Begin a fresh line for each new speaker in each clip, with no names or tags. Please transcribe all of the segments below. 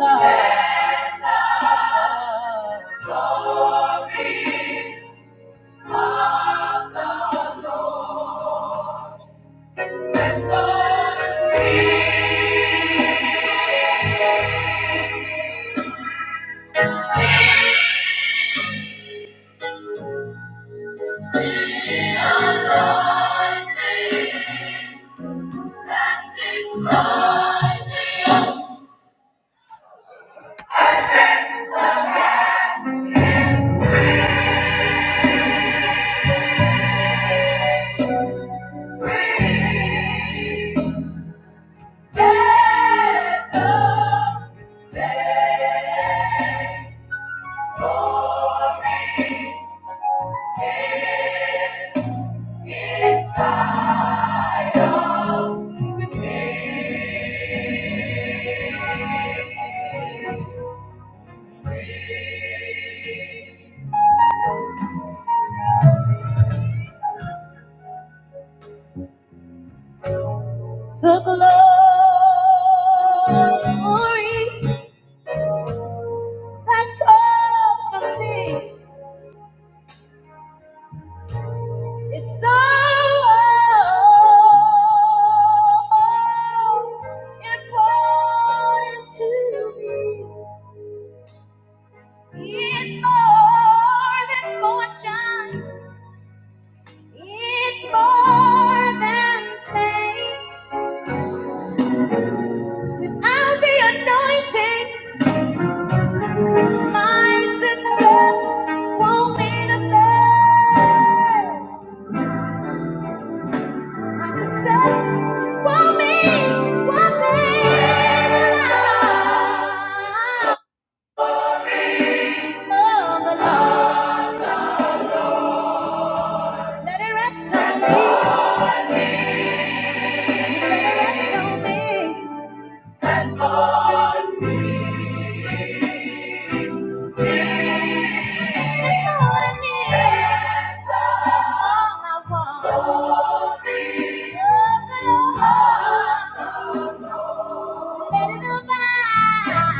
The glory that comes from thee is so important to me. It's more than fortune. It's more than fame. Without the anointing. My success won't mean a thing. My success won't mean one thing at all. No, no, no. Let it rest on me. Just let it rest on me. Rest on me. That's all I need. All I want. Love the Lord. Let it abide.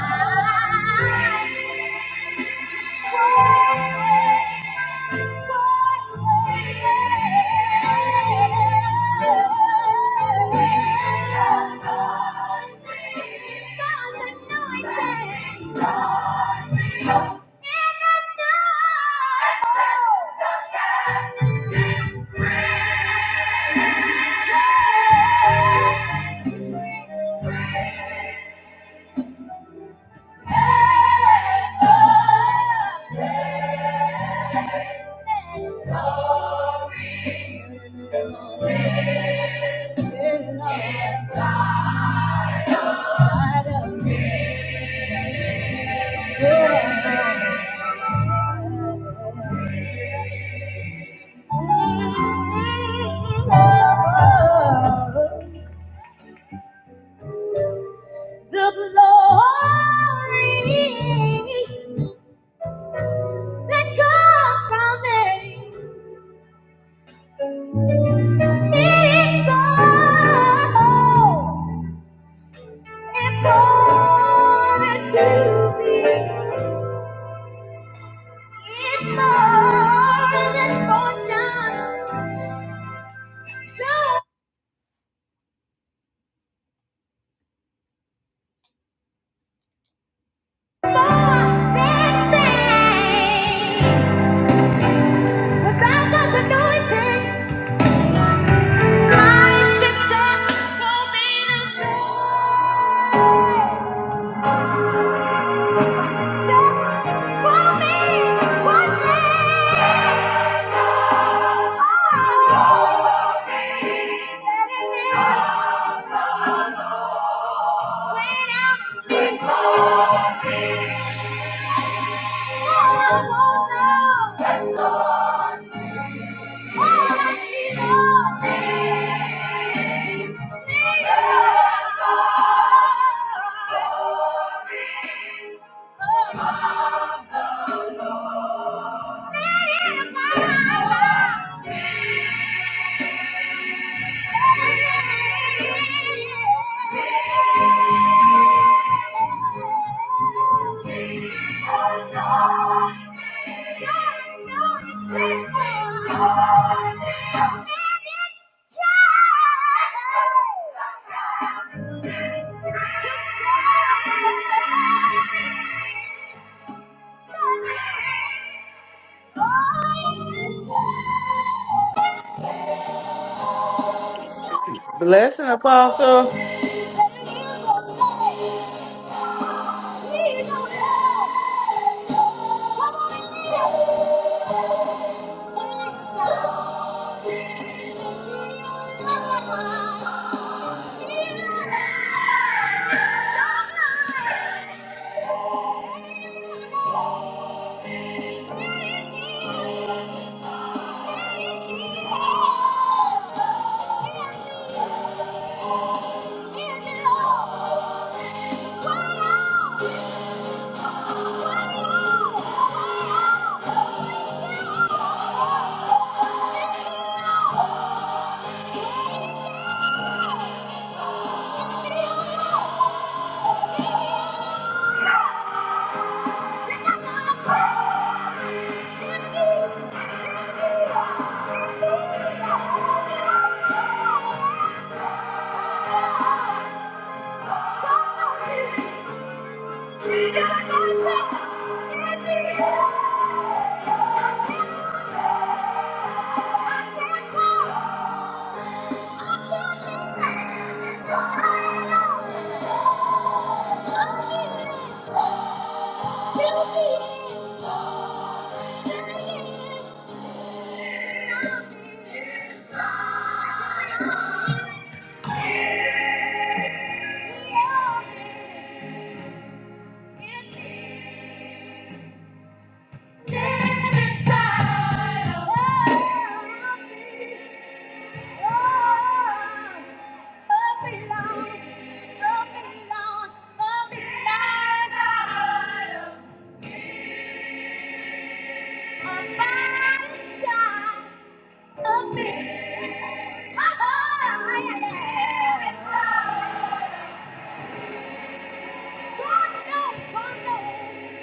One way, one way. Glory, glory. The glory that comes from it is so important to me. It's more than fortune. So more than fame. Without God's anointing, my success won't mean a thing. success won't mean one thing. Oh, let it live. Wait out. All I want now. Oh, Oh,
Blessing, Apostle.
Oh! Thank you. Oh, yeah. God knows, God knows,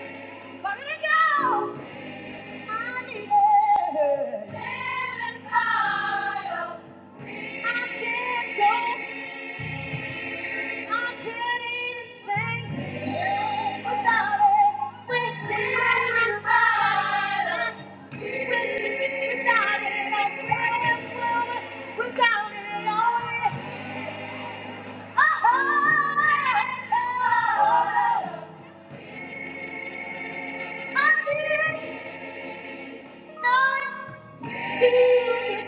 God knows. I Oh! Every day,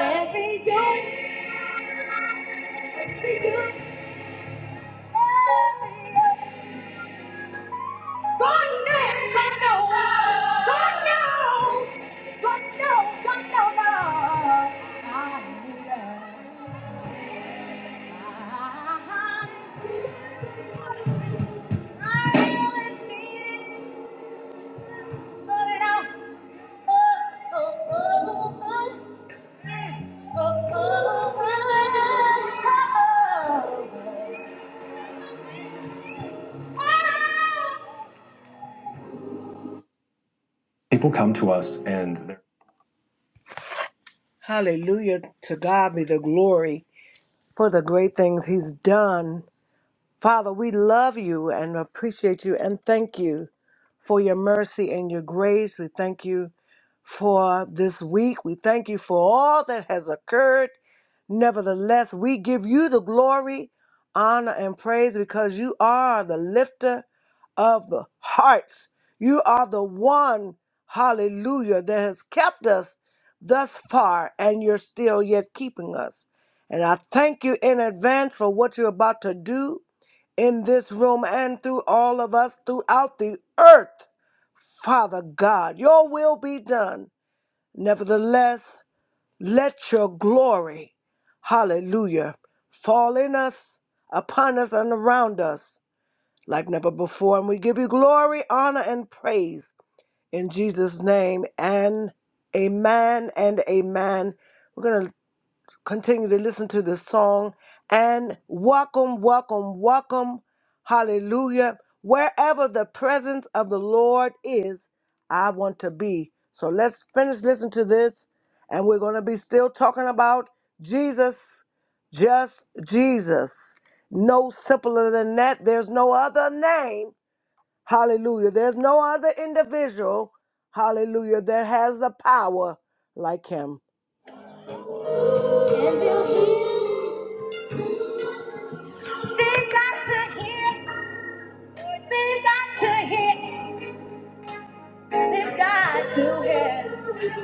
every day, every day. God knows, God knows, God knows, God knows, God knows. I'm in love. I really need it, but I, oh, oh, oh, oh. Oh, oh, oh, oh, oh. People come to us and they're Hallelujah. To God be the glory for the great things He's done. Father, we love you and appreciate you and thank you for your mercy and your grace. We thank you for this week. We thank you for all that has occurred. Nevertheless, we give you the glory, honor, and praise because you are the lifter of the hearts. You are the one, hallelujah, that has kept us thus far, and you're still yet keeping us. And I thank you in advance for what you're about to do in this room and through all of us throughout the earth. Father God, your will be done Nevertheless, let your glory, hallelujah, fall in us, upon us, and around us like never before. And we give you glory, honor, and praise in Jesus' name. And amen and amen. We're going to continue to listen to this song and welcome, welcome, welcome. Hallelujah. Wherever the presence of the Lord is, I want to be. So let's finish listening to this and we're going to be still talking about Jesus, just Jesus. No simpler than that. There's no other name. Hallelujah. There's no other individual. Hallelujah. That has the power like him. Can you hear? They've got to hear. They've got to hear. They've got to hear.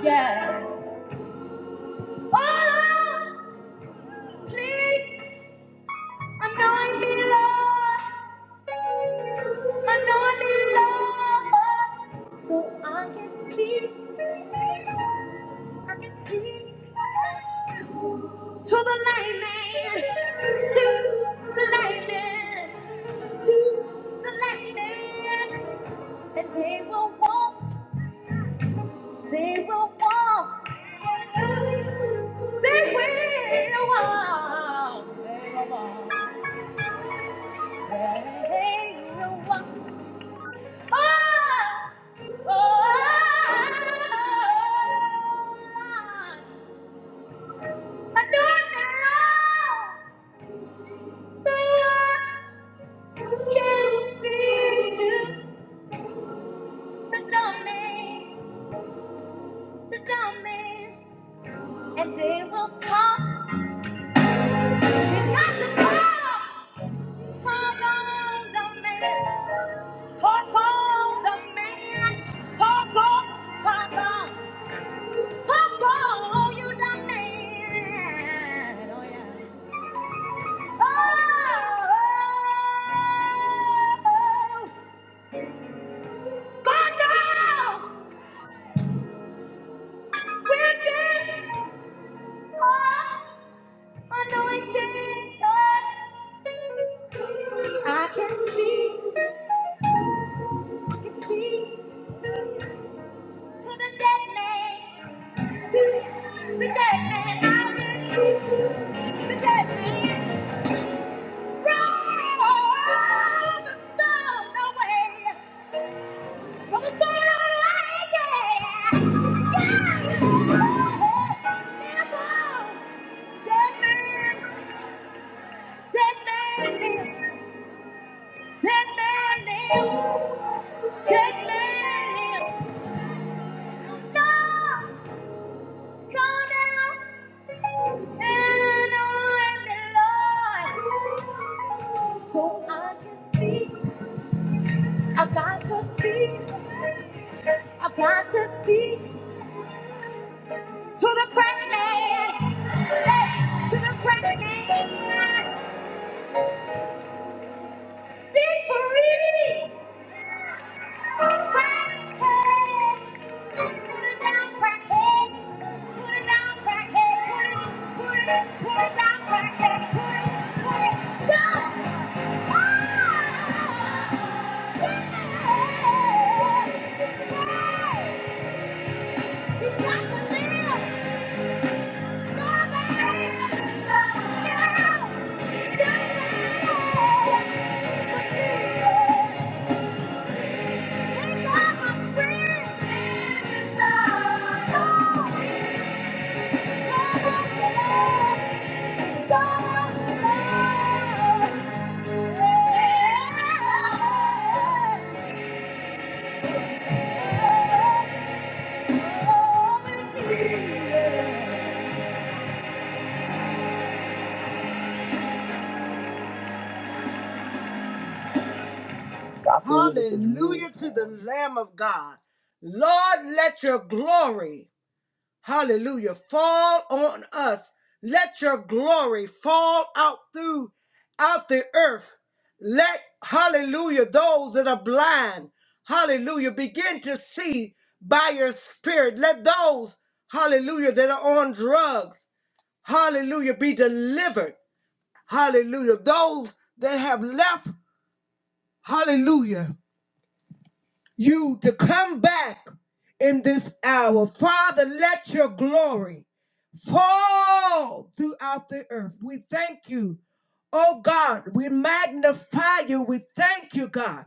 Yeah. Oh, Lord, please anoint me, Lord. Anoint me, Lord. So I can see. I can see. To the lightning. To the lightning. To the lightning. And they will walk. They will walk. They will walk. They will walk. They will walk. oh, Oh! I do it now. So I can speak to the dummy, the dummy, and they will come. They got to come. Talk on the man. Talk on the man. Talk on, talk on. Talk on you the man. Oh, yeah. Oh, oh, oh. God knows with this oh, anointing. I can see, I can see to the dead man. Dead man, dead man, dead man. Go down and anoint me, Lord, so I can speak. I've got to speak. I've got to speak to the pregnant, hey, to the pregnant. Victory! Crackhead! Put it down, crackhead! Put it down, crackhead! Put it, put it, put it down, crackhead! Put it, put it down! Ah! Yeah! You got to live! Somebody! Yeah! Yeah! Hallelujah to the Lamb of God. Lord, let your glory. Hallelujah. Fall on us. Let your glory fall out through out the earth. Let hallelujah those that are blind, hallelujah, begin to see by your spirit. Let those, hallelujah, that are on drugs, hallelujah, be delivered. Hallelujah. Those that have left, hallelujah, you to come back in this hour. Father, let your glory. fall throughout the earth. We thank you, oh God. We magnify you. We thank you, God,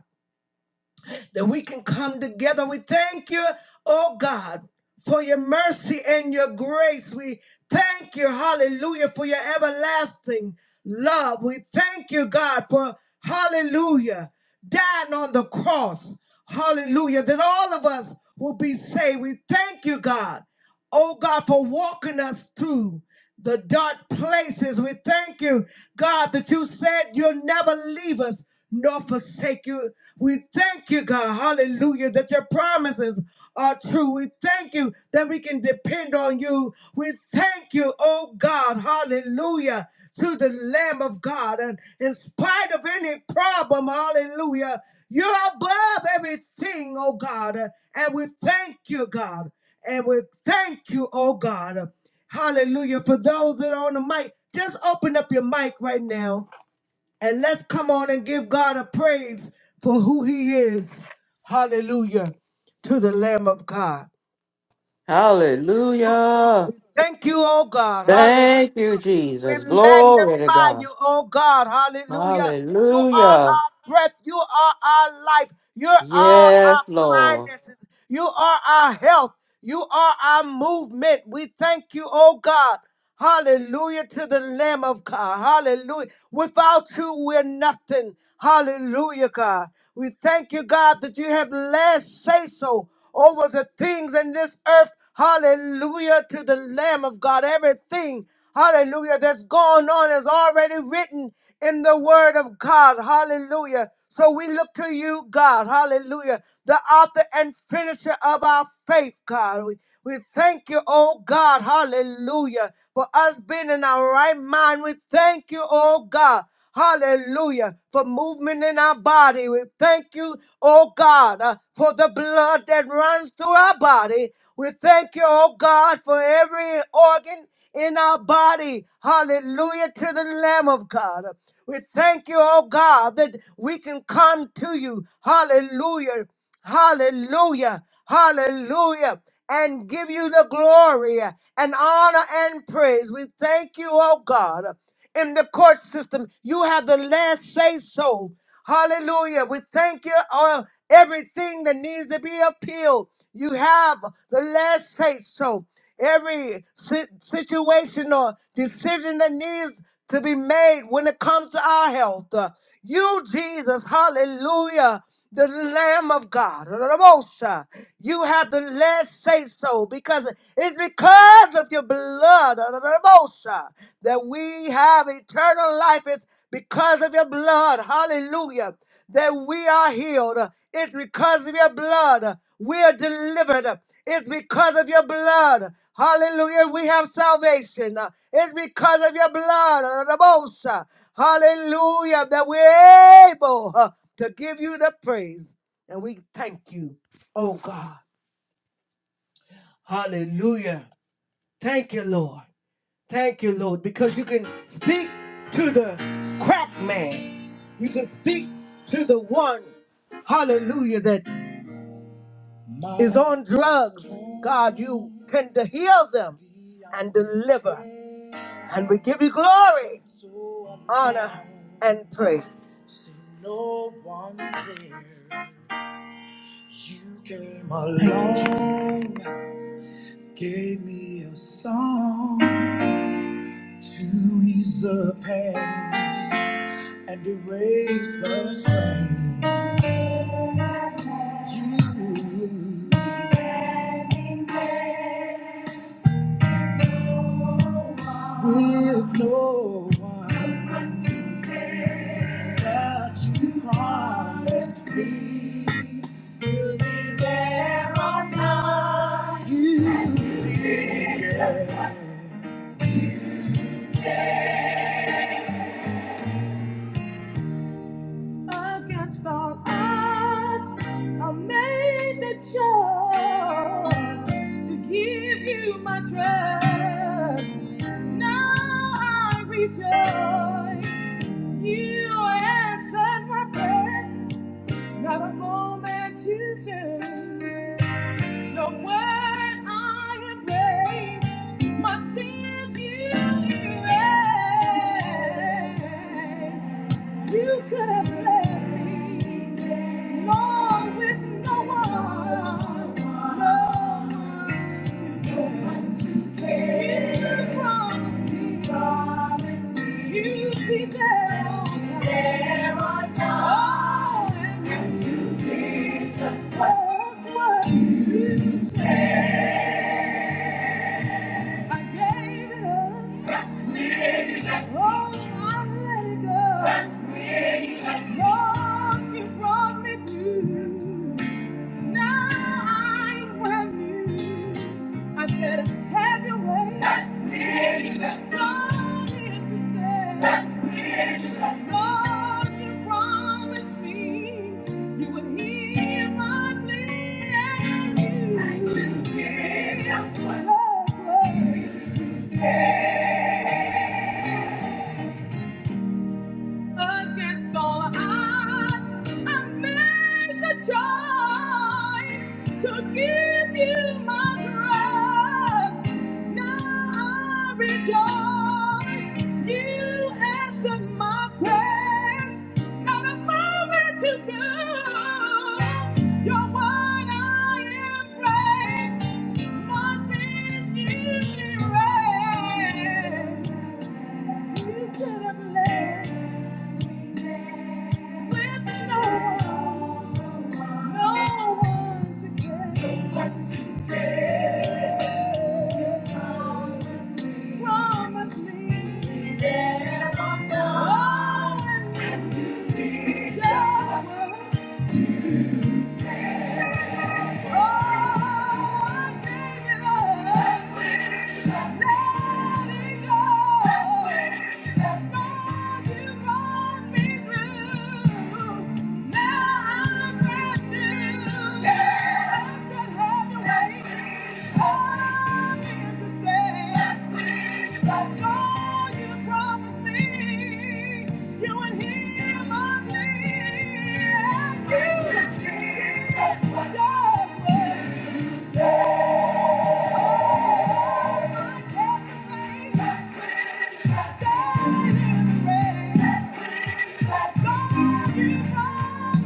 that we can come together. We thank you, oh God, for your mercy and your grace. We thank you, hallelujah, for your everlasting love. We thank you, God, for hallelujah, dying on the cross. Hallelujah, that all of us will be saved. We thank you, God oh God, for walking us through the dark places. We thank you, God, that you said you'll never leave us nor forsake you. We thank you, God, hallelujah, that your promises are true. We thank you that we can depend on you. We thank you, oh God, hallelujah, to the Lamb of God. And in spite of any problem, hallelujah, you're above everything, oh God. And we thank you, God. And we thank you, oh God. Hallelujah. For those that are on the mic, just open up your mic right now and let's come on and give God a praise for who he is. Hallelujah to the Lamb of God.
Hallelujah.
Thank you, oh God. Hallelujah.
Thank you,
We
Jesus. Glory to
magnify
God.
you, oh God. Hallelujah. You are
Hallelujah.
our breath. You are our life. You are our
Yes, Lord.
finances. You are our health. You are our movement. We thank you, oh God. Hallelujah to the Lamb of God. Hallelujah. Without you, we're nothing. Hallelujah, God. We thank you, God, that you have last say so over the things in this earth Hallelujah to the Lamb of God. Everything, hallelujah, that's going on is already written in the Word of God. Hallelujah. So we look to you, God. Hallelujah. The author and finisher of our faith, God. We, we thank you, oh God. Hallelujah. For us being in our right mind, we thank you, oh God. Hallelujah. For movement in our body. We thank you, oh God, uh, for the blood that runs through our body. We thank you, oh God, for every organ in our body. Hallelujah to the Lamb of God. We thank you, oh God, that we can come to you. Hallelujah. Hallelujah. Hallelujah. And give you the glory and honor and praise. We thank you, oh God in the court system. You have the last say so. Hallelujah. We thank you on everything that needs to be appealed. You have the last say so. Every si- situation or decision that needs to be made when it comes to our health. Uh, You, Jesus, hallelujah the Lamb of God. Rabosa. You have the last say so because it's because of your blood Rabosa, that we have eternal life. It's because of your blood. Hallelujah. That we are healed. It's because of your blood. We are delivered. It's because of your blood. Hallelujah. We have salvation. It's because of your blood. Rabosa. Hallelujah. That we're able uh, to give you the praise. And we thank you, oh God. Hallelujah. Thank you, Lord. Thank you, Lord, because you can speak to the crack man. You can speak to the one, hallelujah, that is on drugs. God, you can to heal them and deliver. And we give you glory, honor, and praise. Thank you, Jesus. Gave me a song to ease the pain and erase the strain. With no one against all odds, I made the choice to give you my trust. Now I rejoice. You answered my prayers. Not a moment too soon. Your word I embrace, my sins you erase. You could have left me, Lord, with no one, no one to care. You promised me, promised me, you'd be there on time. There on time. Oh, and you did just what you said. I gave it up. That's the way you left me. Oh, I let it go. That's the way you left me, Lord, you brought me through. Now I'm well used. I said, have your way. That's me. God is to stay. That's me. God, you promised me you would hear my plea and you. I knew it. That's what love was. Against all odds, I made the choice to give you my trust. Now I rejoice, you answered my prayers. Not a moment to go, you're what I embrace. Nothing you erase. You could have left. With no one, no one to care. Promise me. Be there on time. Oh, when you need your word. Oh, I Now I'm brand Yeah. Thank you. brought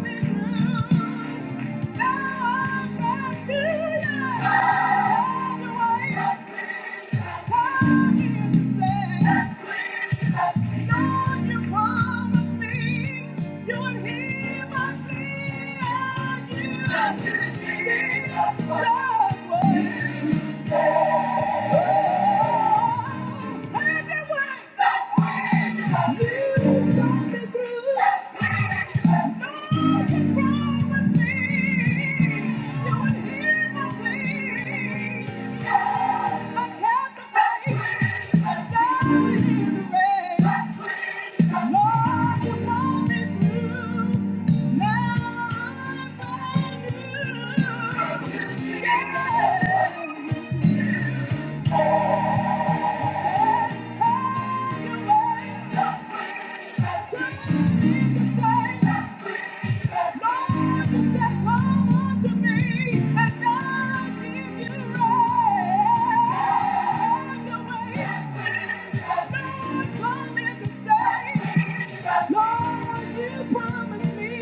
me through. Thank you. Yeah. Lord, you "Come unto me, and I'll give you rest." Lord, come here to stay. Lord, you promised me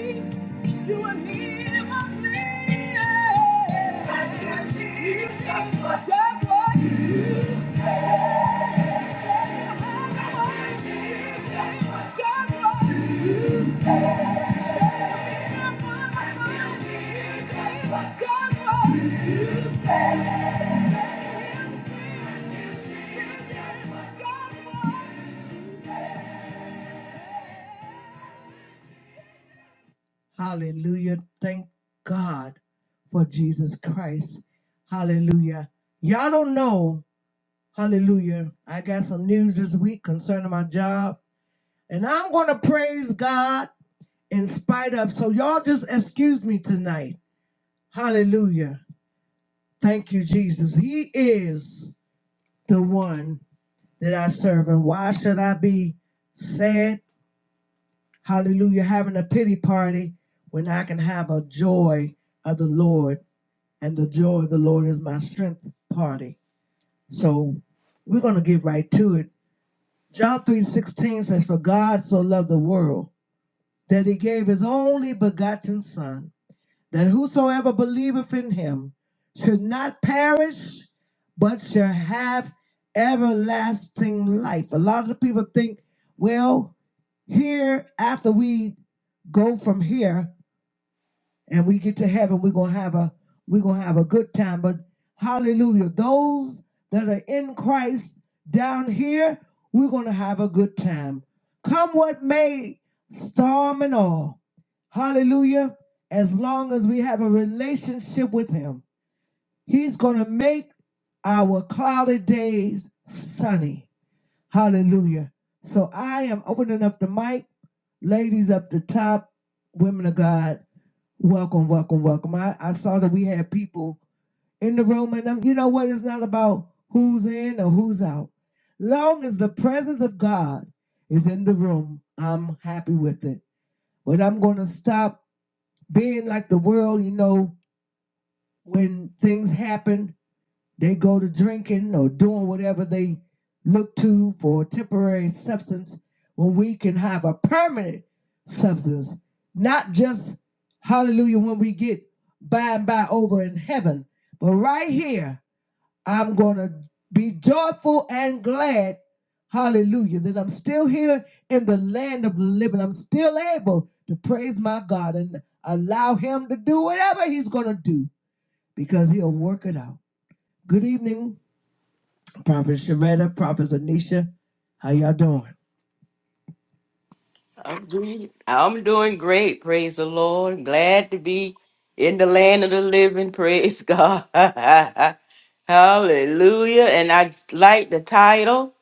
you would hear my just what you Just what you just what you Hallelujah. Thank God for Jesus Christ. Hallelujah. Y'all don't know. Hallelujah. I got some news this week concerning my job, and I'm going to praise God in spite of. So, y'all just excuse me tonight. Hallelujah. Thank you, Jesus. He is the one that I serve. And why should I be sad? Hallelujah. Having a pity party when I can have a joy of the Lord, and the joy of the Lord is my strength party. So we're going to get right to it. John 3 16 says, For God so loved the world that he gave his only begotten Son that whosoever believeth in him should not perish, but shall have everlasting life. A lot of the people think, well, here after we go from here, and we get to heaven, we're gonna have a we're gonna have a good time. But hallelujah, those that are in Christ down here, we're gonna have a good time. Come what may, storm and all. Hallelujah. As long as we have a relationship with him, he's gonna make our cloudy days sunny. Hallelujah. So I am opening up the mic. Ladies up the top, women of God, welcome, welcome, welcome. I, I saw that we had people in the room, and um, you know what? It's not about who's in or who's out. Long as the presence of God is in the room, I'm happy with it. But I'm going to stop being like the world, you know, when things happen. They go to drinking or doing whatever they look to for a temporary substance when we can have a permanent substance, not just hallelujah when we get by and by over in heaven, but right here, I'm going to be joyful and glad, hallelujah, that I'm still here in the land of the living. I'm still able to praise my God and allow Him to do whatever He's going to do because He'll work it out. Good evening. Prophet Sharetta, Prophet Anisha. How y'all doing?
I'm doing I'm doing great. Praise the Lord. Glad to be in the land of the living. Praise God. Hallelujah. And I like the title.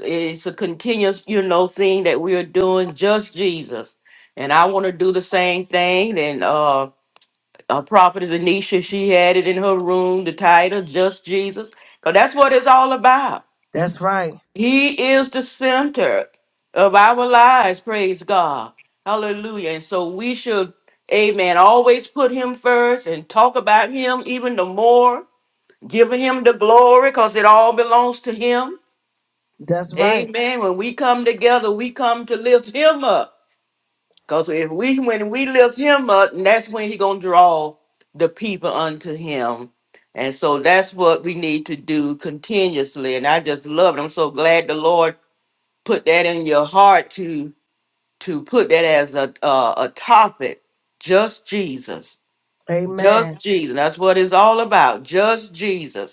It's a continuous, you know, thing that we're doing, just Jesus. And I want to do the same thing. And, uh. uh, prophetess Anisha, she had it in her room, the title, Just Jesus. Because that's what it's all about.
That's right.
He is the center of our lives, praise God. Hallelujah. And so we should, amen, always put him first and talk about him even the more, Give him the glory because it all belongs to him.
That's right.
Amen. When we come together, we come to lift him up. Because if we when we lift him up, that's when he gonna draw the people unto him. And so that's what we need to do continuously. And I just love it. I'm so glad the Lord put that in your heart to to put that as a uh, a topic. Just Jesus. Just
Amen.
Jesus. That's what it's all about. Just Jesus.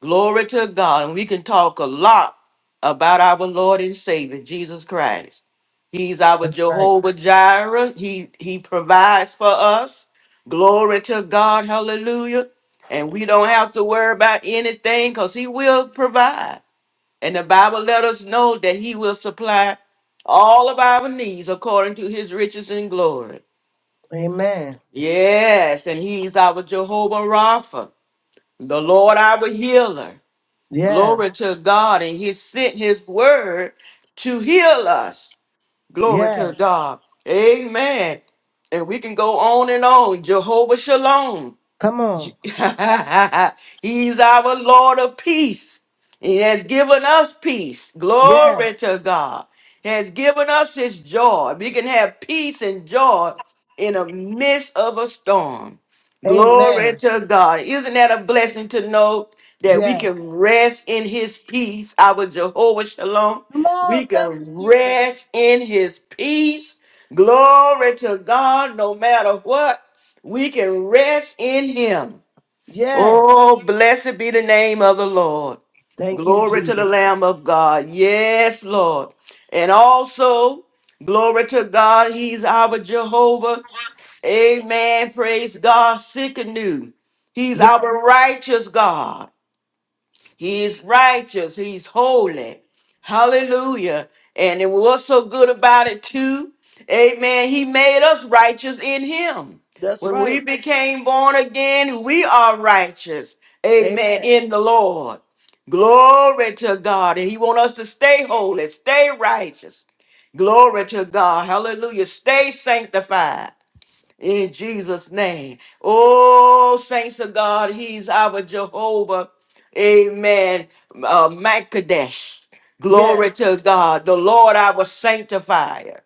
Glory to God. And we can talk a lot about our Lord and Savior, Jesus Christ. He's our
That's right.
Jehovah Jireh. He he provides for us. Glory to God. Hallelujah. And we don't have to worry about anything because he will provide. And the Bible let us know that he will supply all of our needs according to his riches and glory.
Amen.
Yes, and he's our Jehovah Rapha, the Lord our healer.
Yes.
Glory to God. And He sent His word to heal us. Glory to
Yes.
God. Amen. And we can go on and on. Jehovah Shalom.
Come on.
He's our Lord of peace. He has given us peace.
Yes.
Glory to God. He has given us his joy. We can have peace and joy in the midst of a storm. Glory
Amen.
to God. Isn't that a blessing to know that we
Yes.
can rest in his peace, our Jehovah Shalom?
Come on.
We
Thank you,
can
Jesus.
rest in his peace. Glory to God, no matter what. We can rest in him.
Yes.
Oh, blessed be the name of the Lord.
Thank you,
Glory to the
Jesus.
Lamb of God. Yes, Lord. And also, glory to God, He's our Jehovah. Amen. Praise God. Sick and new. He's
Yes.
our righteous God. He is righteous. He's holy. Hallelujah. And it was so good about it too. Amen. He made us righteous in him.
That's
When we
right.
became born again, we are righteous.
Amen.
Amen. In the Lord. Glory to God. And he wants us to stay holy, stay righteous. Glory to God. Hallelujah. Stay sanctified in Jesus' name. Oh, saints of God, He's our Jehovah. Amen. Uh, Makadesh. Glory
Yes.
to God. The Lord our sanctifier.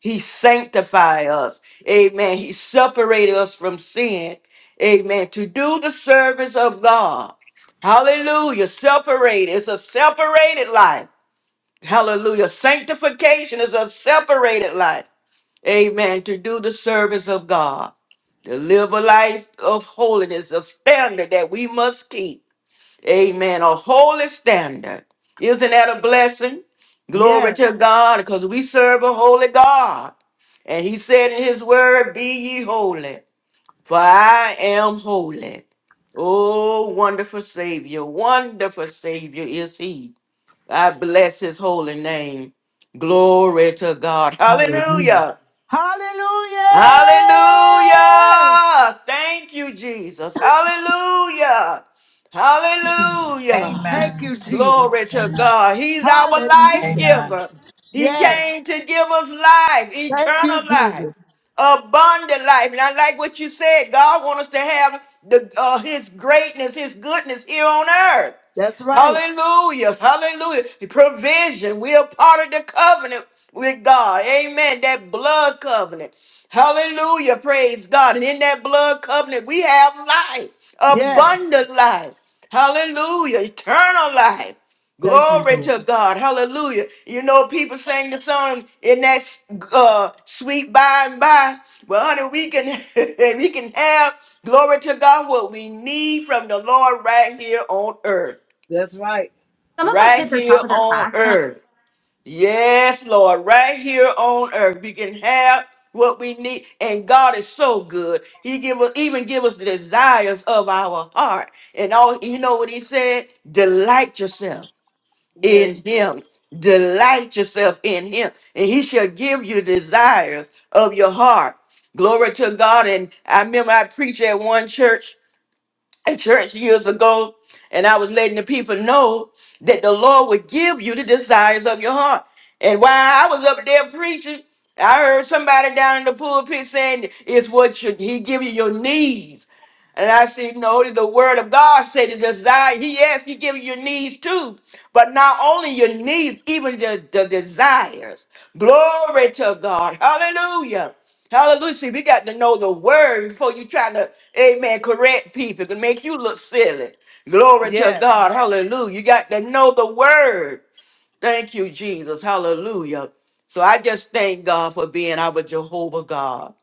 He sanctify us. Amen. He separated us from sin. Amen. To do the service of God. Hallelujah. Separated. It's a separated life. Hallelujah. Sanctification is a separated life. Amen. To do the service of God, to live a life of holiness, a standard that we must keep. Amen. A holy standard. Isn't that a blessing? Glory
Yes.
to God, because we serve a holy God. And he said in his word, Be ye holy, for I am holy. Oh, wonderful Savior, wonderful Savior is he. I bless his holy name. Glory to God.
Hallelujah.
Hallelujah.
Hallelujah.
Hallelujah. Thank you, Jesus. Hallelujah. Hallelujah.
Thank
Amen.
you, Jesus.
Glory to
Amen.
God. He's our life
Hallelujah.
Amen.
giver. He
Yes.
came to give us life,
Thank you,
eternal life,
Jesus.
abundant life. And I like what you said. God wants us to have the uh, his greatness, his goodness here on earth.
That's right.
Hallelujah. Hallelujah. The provision. We are part of the covenant with God. Amen. That blood covenant. Hallelujah. Praise God. And in that blood covenant, we have life,
Yes.
abundant life. Hallelujah. Eternal life.
Thank you,
Glory
Lord.
to God. Hallelujah. You know, people sing the song in that uh, sweet by and by. Well, honey, we can we can have glory to God what we need from the Lord right here on earth
That's right. Some of my
right
kids are
here
top of their
on
class, and I,
earth. Yes, Lord, right here on earth. We can have what we need. And God is so good. He give us even give us the desires of our heart. And all you know what he said? Delight yourself in
Yes, Lord.
him. Delight yourself in him. And he shall give you the desires of your heart. Glory to God. And I remember I preached at one church at church years ago, and I was letting the people know that the Lord would give you the desires of your heart. And while I was up there preaching, I heard somebody down in the pulpit saying, "It's what you, He give you your needs." And I said, "No, the Word of God said the desire. He asked He give you your needs too, but not only your needs, even the, the desires. Glory to God. Hallelujah." Hallelujah. See, we got to know the word before you try to, amen, correct people. It can make you look silly. Glory to
Yes.
God. Hallelujah. You got to know the word. Thank you, Jesus. Hallelujah. So I just thank God for being our Jehovah God.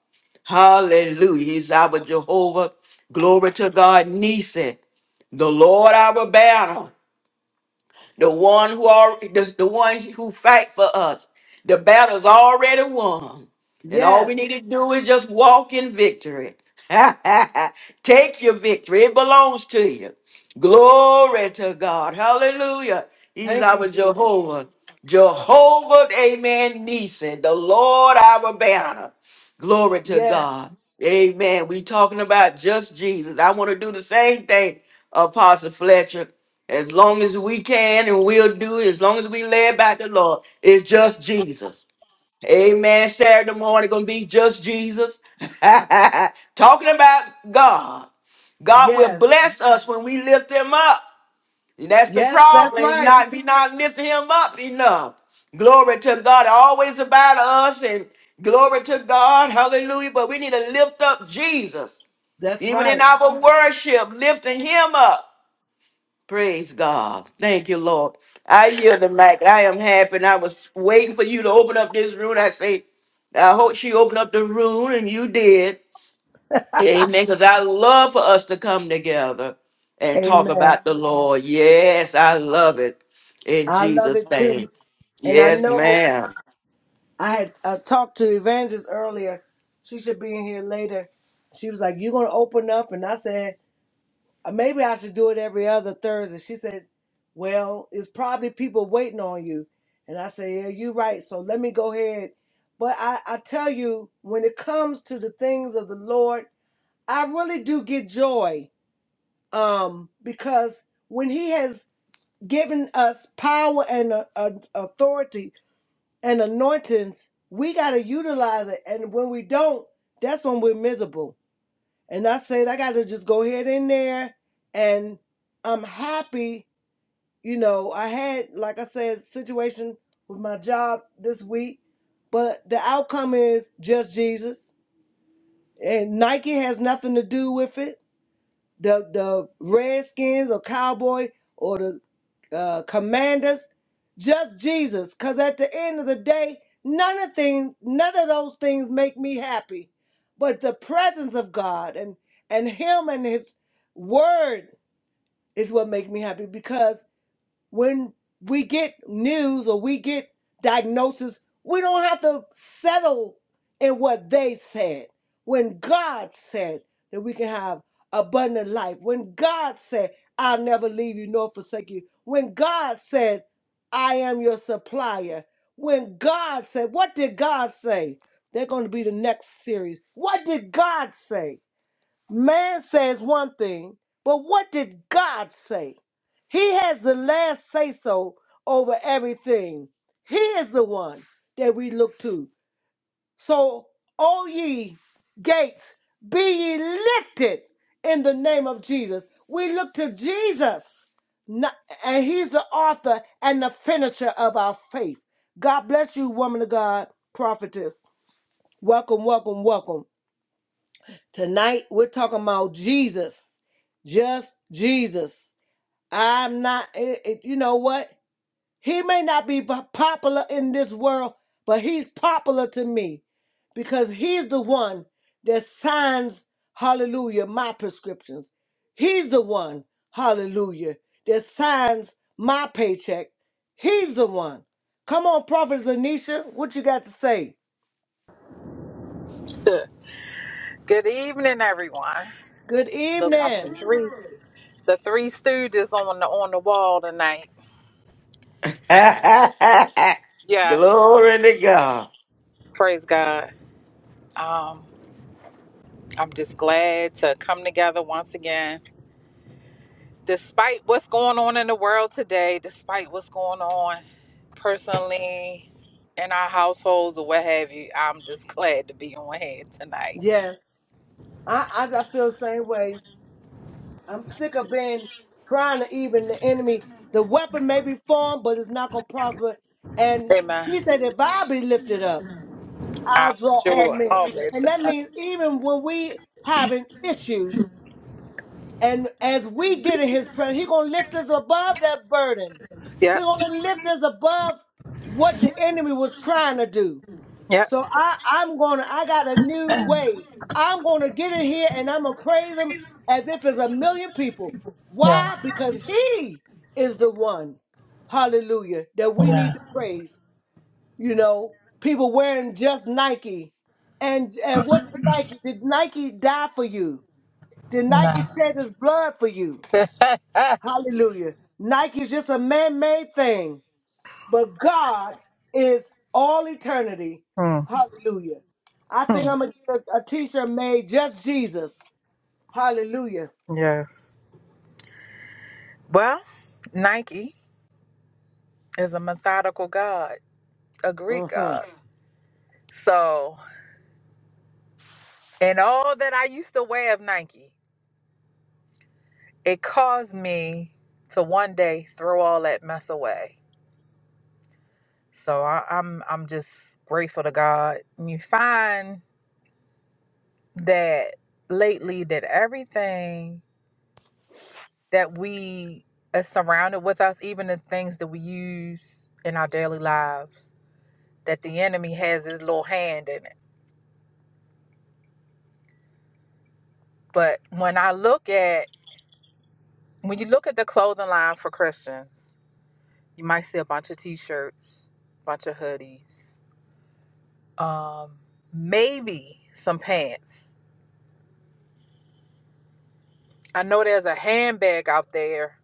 Hallelujah. He's our Jehovah. Glory to God. Nisi, the Lord our banner. The one who are the, the one who fight for us. The battle's already won. And all
Yes.
we need to do is just walk in victory. Take your victory. It belongs to you. Glory to God. Hallelujah. He's
Thank you,
our
Jesus.
Jehovah. Jehovah, amen, Nisi, the Lord our banner. Glory to
Yes.
God. Amen. We talking about just Jesus. I want to do the same thing, Apostle Fletcher. As long as we can and we'll do it, as long as we led by the Lord, it's just Jesus. Amen. Saturday morning gonna be just Jesus. Talking about God. God will
Yes.
bless us when we lift him up. And that's the
Yes, that's
problem. It's
right.
not we not lifting him up enough. Glory to God. Always about us and glory to God. Hallelujah. But we need to lift up Jesus.
That's
Even in
right.
our worship, lifting him up. Praise God. Thank you, Lord. I yield the mic. I am happy. And I was waiting for you to open up this room. I say, I hope she opened up the room, and you did. Amen. Because I love for us to come together and talk
Amen.
about the Lord. Yes, I love it. In
I love it
Jesus'
too.
name.
And I
Yes,
know
ma'am.
I had I talked to Evangelist earlier. She should be in here later. She was like, You're gonna open up and I said Uh, Maybe I should do it every other Thursday. She said, Well, it's probably people waiting on you. And I said, Yeah, you're right. So let me go ahead. But I, I tell you, when it comes to the things of the Lord, I really do get joy um, because when He has given us power and uh, uh, authority and anointings, we got to utilize it. And when we don't, that's when we're miserable. And I said, I got to just go ahead in there. And I'm happy. You know, I had, like I said, situation with my job this week, but the outcome is just Jesus. And Nike has nothing to do with it the the Redskins or Cowboy or the uh, Commanders, just Jesus. Cause at the end of the day, none of things, none of those things make me happy, but the presence of God and and Him and His Word is what make me happy. because when we get news or we get diagnosis, we don't have to settle in what they said. When God said that we can have abundant life, when God said, I'll never leave you nor forsake you, when God said, I am your supplier, when God said, What did God say? They're going to be the next series. What did God say? Man says one thing, but what did God say? He has the last say so over everything. He is the one that we look to. So, O ye gates, be ye lifted in the name of Jesus. We look to Jesus, not- and He's the author and the finisher of our faith. God bless you, woman of God, prophetess. Welcome, welcome, welcome. Tonight we're talking about Jesus, just Jesus. I'm not, it- it- you know what? He may not be po- popular in this world, but he's popular to me because he's the one that signs, hallelujah, my prescriptions. He's the one, hallelujah, that signs my paycheck. He's the one. Come on, Prophet Lanisha, what you got to say?
Good evening, everyone.
Good
Look like the
evening.
three, the three stooges on the on the wall tonight. Yes,
Glory to God.
praise God. Um, I'm just glad to come together once again, despite what's going on in the world today, despite what's going on personally in our households or what have you. I'm just glad to be on here tonight.
Yes, I, I, I feel the same way. I'm sick of being trying to even the enemy. The weapon may be formed, but it's not going to prosper. And
Amen.
he said, if I be lifted up, I'll
I'll
draw all
sure
men.
all that.
And that
to-
means even when we having issues, and as we get in his presence, he going to lift us above that burden. He
Yep,
going to lift us above what the enemy was trying to do.
yep.
So I, I'm gonna, I got a new way. I'm gonna get in here and I'm gonna praise him as if it's a million people.
Yeah.
Why? Because he is the one, hallelujah, that we
Yeah.
need to praise. You know, people wearing just Nike. And and what did Nike? Did Nike die for you? Did
No.
Nike shed his blood for you? Hallelujah. Nike's just a man-made thing but God is all eternity.
Hmm.
Hallelujah. I think
hmm,
I'm gonna get a, a t-shirt made just Jesus. Hallelujah.
Yes. Well, Nike is a methodical god, a Greek
hmm
god. So, in all that I used to wear of Nike, it caused me to one day throw all that mess away. So I, I'm I'm just grateful to God. And you find that lately that everything that we is surrounded with us, even the things that we use in our daily lives. that the enemy has his little hand in it. But when I look at when you look at the clothing line for Christians, you might see a bunch of t-shirts, bunch of hoodies, um, maybe some pants. I know there's a handbag out there.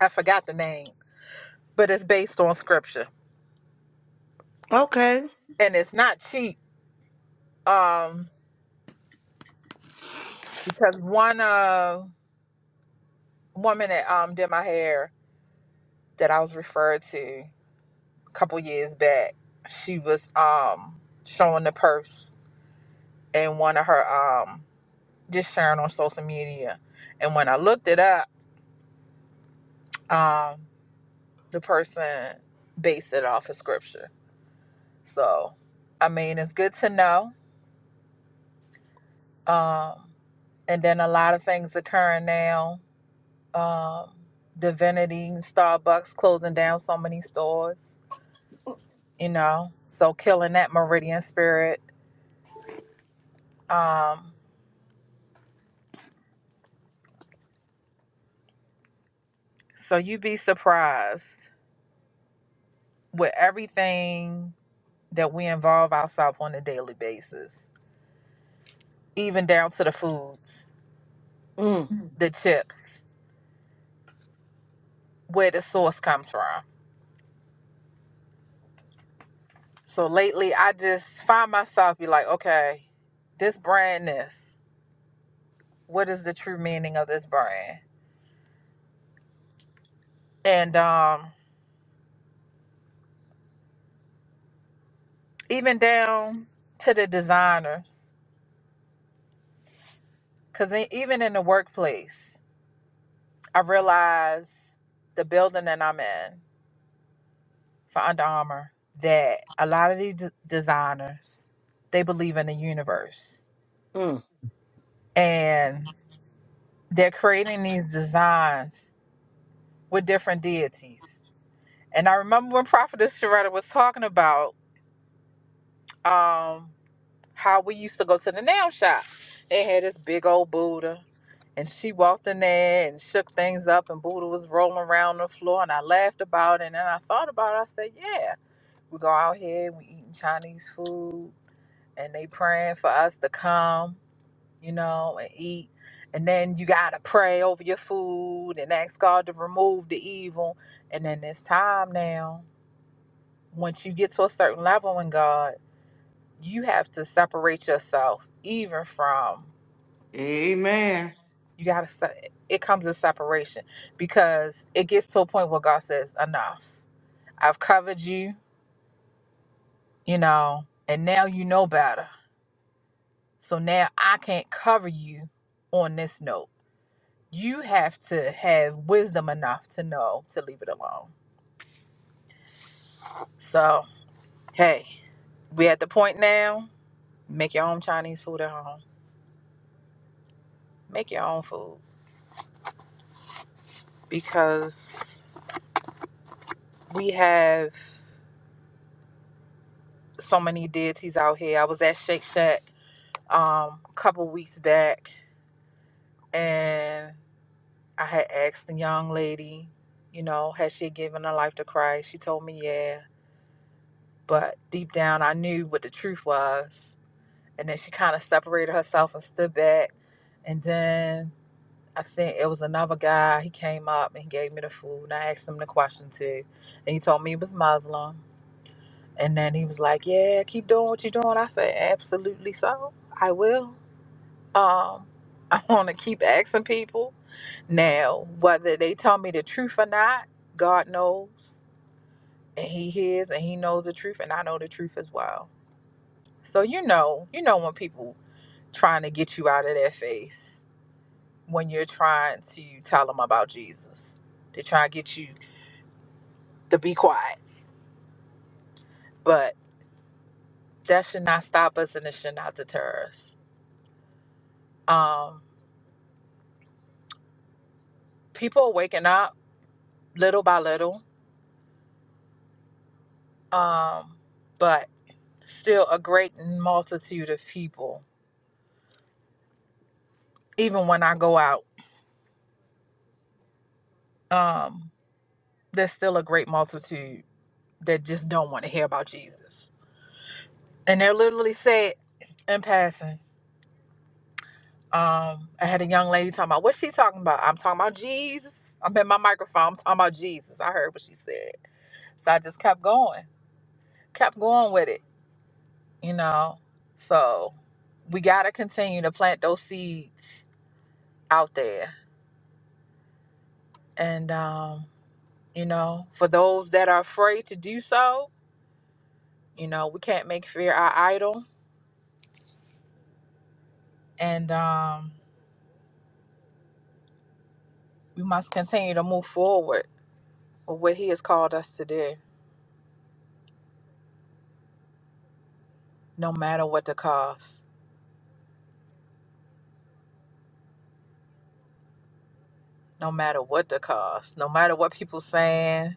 I forgot the name, but it's based on scripture
Okay.
and it's not cheap. Um, because one uh woman that um did my hair that I was referred to. a couple years back she was um showing the purse and one of her um just sharing on social media and when i looked it up um the person based it off of scripture so i mean it's good to know um and then a lot of things occurring now um divinity starbucks closing down so many stores you know so killing that meridian spirit um so you be surprised with everything that we involve ourselves on a daily basis, even down to the foods,
Mm,
Mm. the chips, where the source comes from. So lately, I just find myself be like, okay, this brandness, what is the true meaning of this brand? And um, even down to the designers, because even in the workplace, I realize the building that I'm in. for Under Armour that a lot of these d- designers they believe in the universe
mm,
and they're creating these designs with different deities. And I remember when Prophetess Sharetta was talking about um, how we used to go to the nail shop. They had this big old Buddha, and she walked in there and shook things up, and Buddha was rolling around the floor. And I laughed about it, and then I thought about it. I said, "Yeah, we go out here, we eating Chinese food, and they praying for us to come, you know, and eat. And then you gotta pray over your food and ask God to remove the evil. And then it's time now. Once you get to a certain level in God, you have to separate yourself even from
Amen.
you gotta it comes a separation because it gets to a point where God says, Enough. I've covered you, you know, and now you know better. So now I can't cover you on this note. you have to have wisdom enough to know to leave it alone. So, hey, we at the point now, make your own Chinese food at home. Make your own food because we have so many deities out here. I was at Shake Shack um, a couple weeks back and I had asked the young lady, you know, has she given her life to Christ? She told me, yeah. But deep down, I knew what the truth was and then she kind of separated herself and stood back. And then I think it was another guy. He came up and he gave me the food, and I asked him the question too. And he told me he was Muslim. And then he was like, "Yeah, keep doing what you're doing." I said, "Absolutely, so I will." Um, I want to keep asking people now whether they tell me the truth or not. God knows, and He hears, and He knows the truth, and I know the truth as well. So you know, you know when people trying to get you out of their face when you're trying to tell them about Jesus. They try to get you to be quiet, but that should not stop us and it should not deter us. Um, people are waking up little by little, um, but still a great multitude of people. Even when I go out, um, there's still a great multitude that just don't want to hear about Jesus. And they're literally said in passing Um, I had a young lady talking about what she talking about. I'm talking about Jesus. I'm in my microphone. I'm talking about Jesus. I heard what she said, so I just kept going, kept going with it. You know, so we gotta continue to plant those seeds out there, and um, you know, for those that are afraid to do so, you know, we can't make fear our idol, and um, we must continue to move forward with what He has called us to do, no matter what the cost. no matter what the cost, no matter what people saying.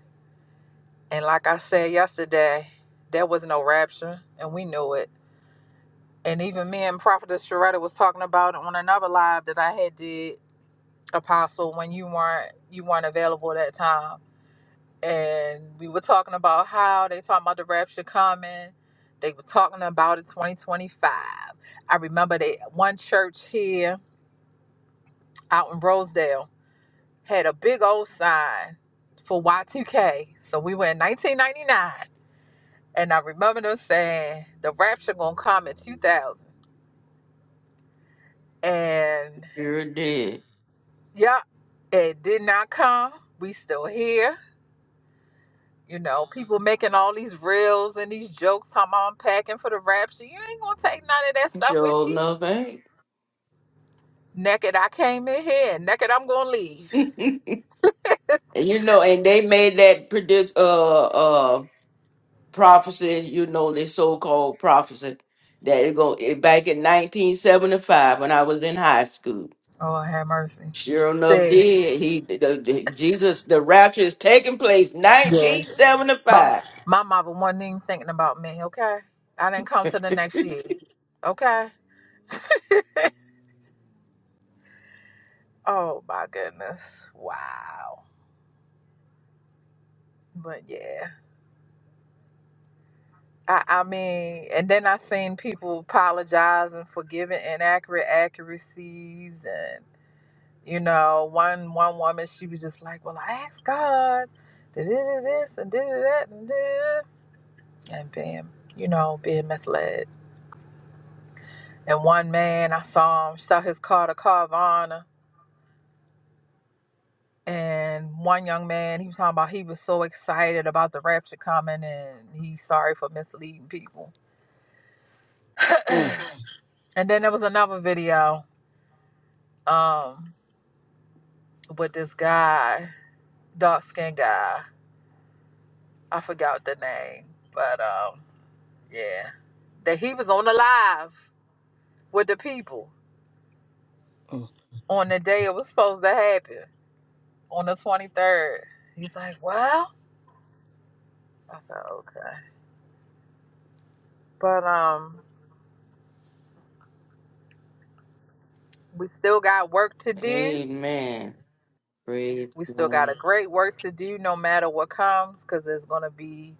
And like I said yesterday, there was no rapture, and we knew it. And even me and Prophetess Sharetta was talking about it on another live that I had did, Apostle, when you weren't you weren't available that time. And we were talking about how they talking about the rapture coming. They were talking about it 2025. I remember they one church here out in Rosedale had a big old sign for Y2K. So we were in 1999. And I remember them saying, the rapture gonna come in 2000. And
Sure did.
yeah, it did not come. We still here. You know, people making all these reels and these jokes, how I'm packing for the rapture. You ain't gonna take none of that stuff with
Sure
you.
enough, ain't.
Naked I came in here and naked I'm gonna leave.
You know, and they made that predict uh uh prophecy, you know, this so called prophecy that it go it, back in nineteen seventy five when I was in high school.
Oh, have mercy.
Sure enough,
Said,
did he the, the- Jesus the rapture is taking place
Yeah.
nineteen seventy
My
five.
my mama wasn't even thinking about me, okay? I didn't come to the next year. Okay? Oh my goodness. Wow. But yeah. I, I mean, and then I seen people apologize and forgiving inaccurate accuracies and you know, one one woman she was just like, Well I asked God did it this and did it that and did and bam, you know, being misled. And one man I saw him saw his car to Carvana and one young man he was talking about he was so excited about the rapture coming and he's sorry for misleading people
mm,
and then there was another video um with this guy dark skinned guy i forgot the name but um yeah that he was on the live with the people
mm.
on the day it was supposed to happen on the 23rd he's like well i said okay but um we still got work to do
Amen. Praise
We still got
God.
a great work to do no matter what comes because there's going to be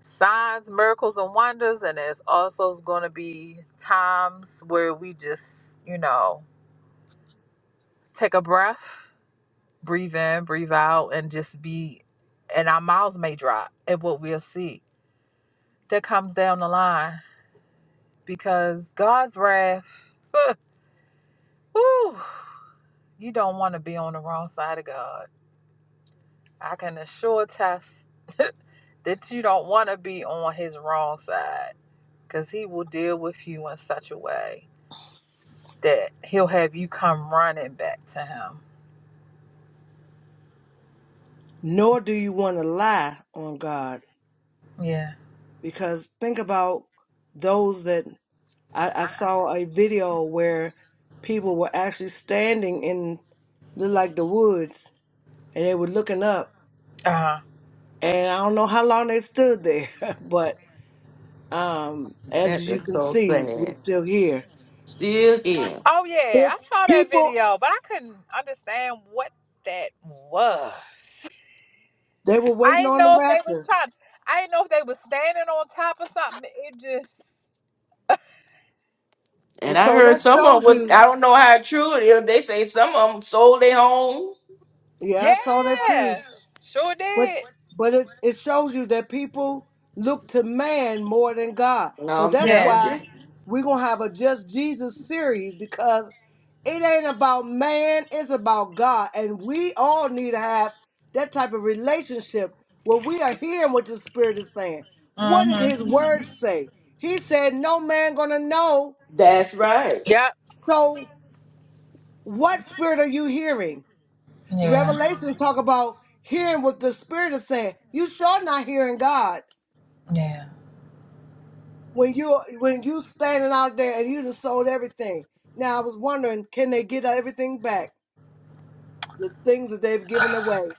signs, miracles, and wonders. And there's also going to be times where we just, you know, take a breath, breathe in, breathe out, and just be, and our mouths may drop at what we'll see that comes down the line because God's wrath, whew, you don't want to be on the wrong side of God. I can assure test that you don't want to be on his wrong side because he will deal with you in such a way that he'll have you come running back to him.
Nor do you want to lie on God
Yeah.
because think about those that I, I saw a video where people were actually standing in the like the woods and they were looking up
Uh, huh.
and I don't know how long they stood there, but Um,
That
as you
is
can
so
see, we're
sad.
still here.
Still here.
oh, yeah.
If
I saw that
people,
video, but I couldn't understand what that was.
they were
I
waiting
didn't
on the
know if they was
rapture.
trying. I didn't know if they was standing on top of something. It just,
Well,
And I
so
heard
that
some of 'em
shows
was
you.
I don't know how true it is. They say some of them sold their home.
Yeah, I saw that too.
yeah, sure
But
did.
but it, it shows you that people look to man more than God.
No,
So
I'm
that's
telling
Yeah.
why
you.
we're gonna have a Just Jesus series because it ain't about man, it's about God. And we all need to have that type of relationship where we are hearing what the Spirit is saying. What does
Mhm.
his word say? He said, No man gonna know.
That's right.
Yep.
So what spirit are you hearing?
Yeah.
Revelation talk about hearing what the Spirit is saying. You sure not hearing God
Yeah.
when you when you standing out there and you just sold everything. Now I was wondering, can they get everything back? The things that they've given away.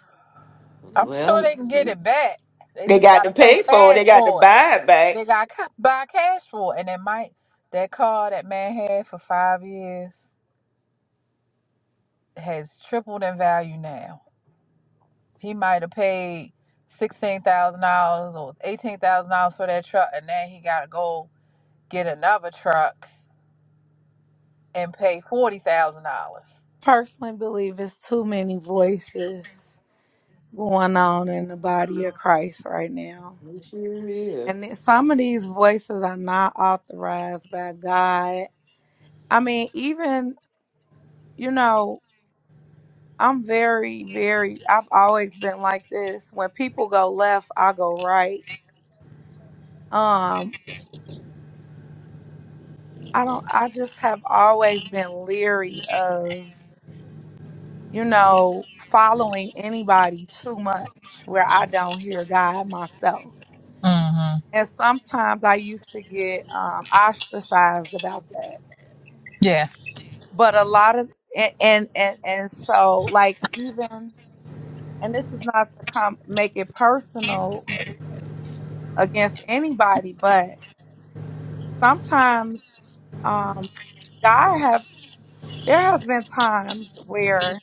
I'm sure
Well,
they can get it back. They
they
just
got to
gotta pay
pay for it.
cash
They got to
for it.
buy it back.
They gotta ca- buy cash for it, and it might that car that man had for five years has tripled in value now. He might have paid sixteen thousand dollars or eighteen thousand dollars for that truck, and then he gotta go get another truck and pay forty thousand dollars.
personally believe it's too many voices going on in the body of Christ right now.
It Sure is.
And then some of these voices are not authorized by God. I mean, even, you know, I'm very, very, I've always been like this. When people go left, I go right. Um, I don't, I just have always been leery of, you know, following anybody too much where I don't hear God myself.
Mhm.
And sometimes I used to get um, ostracized about that.
Yeah.
But a lot of and, and and and so like even and this is not to come make it personal against anybody, but sometimes um, God have there has been times where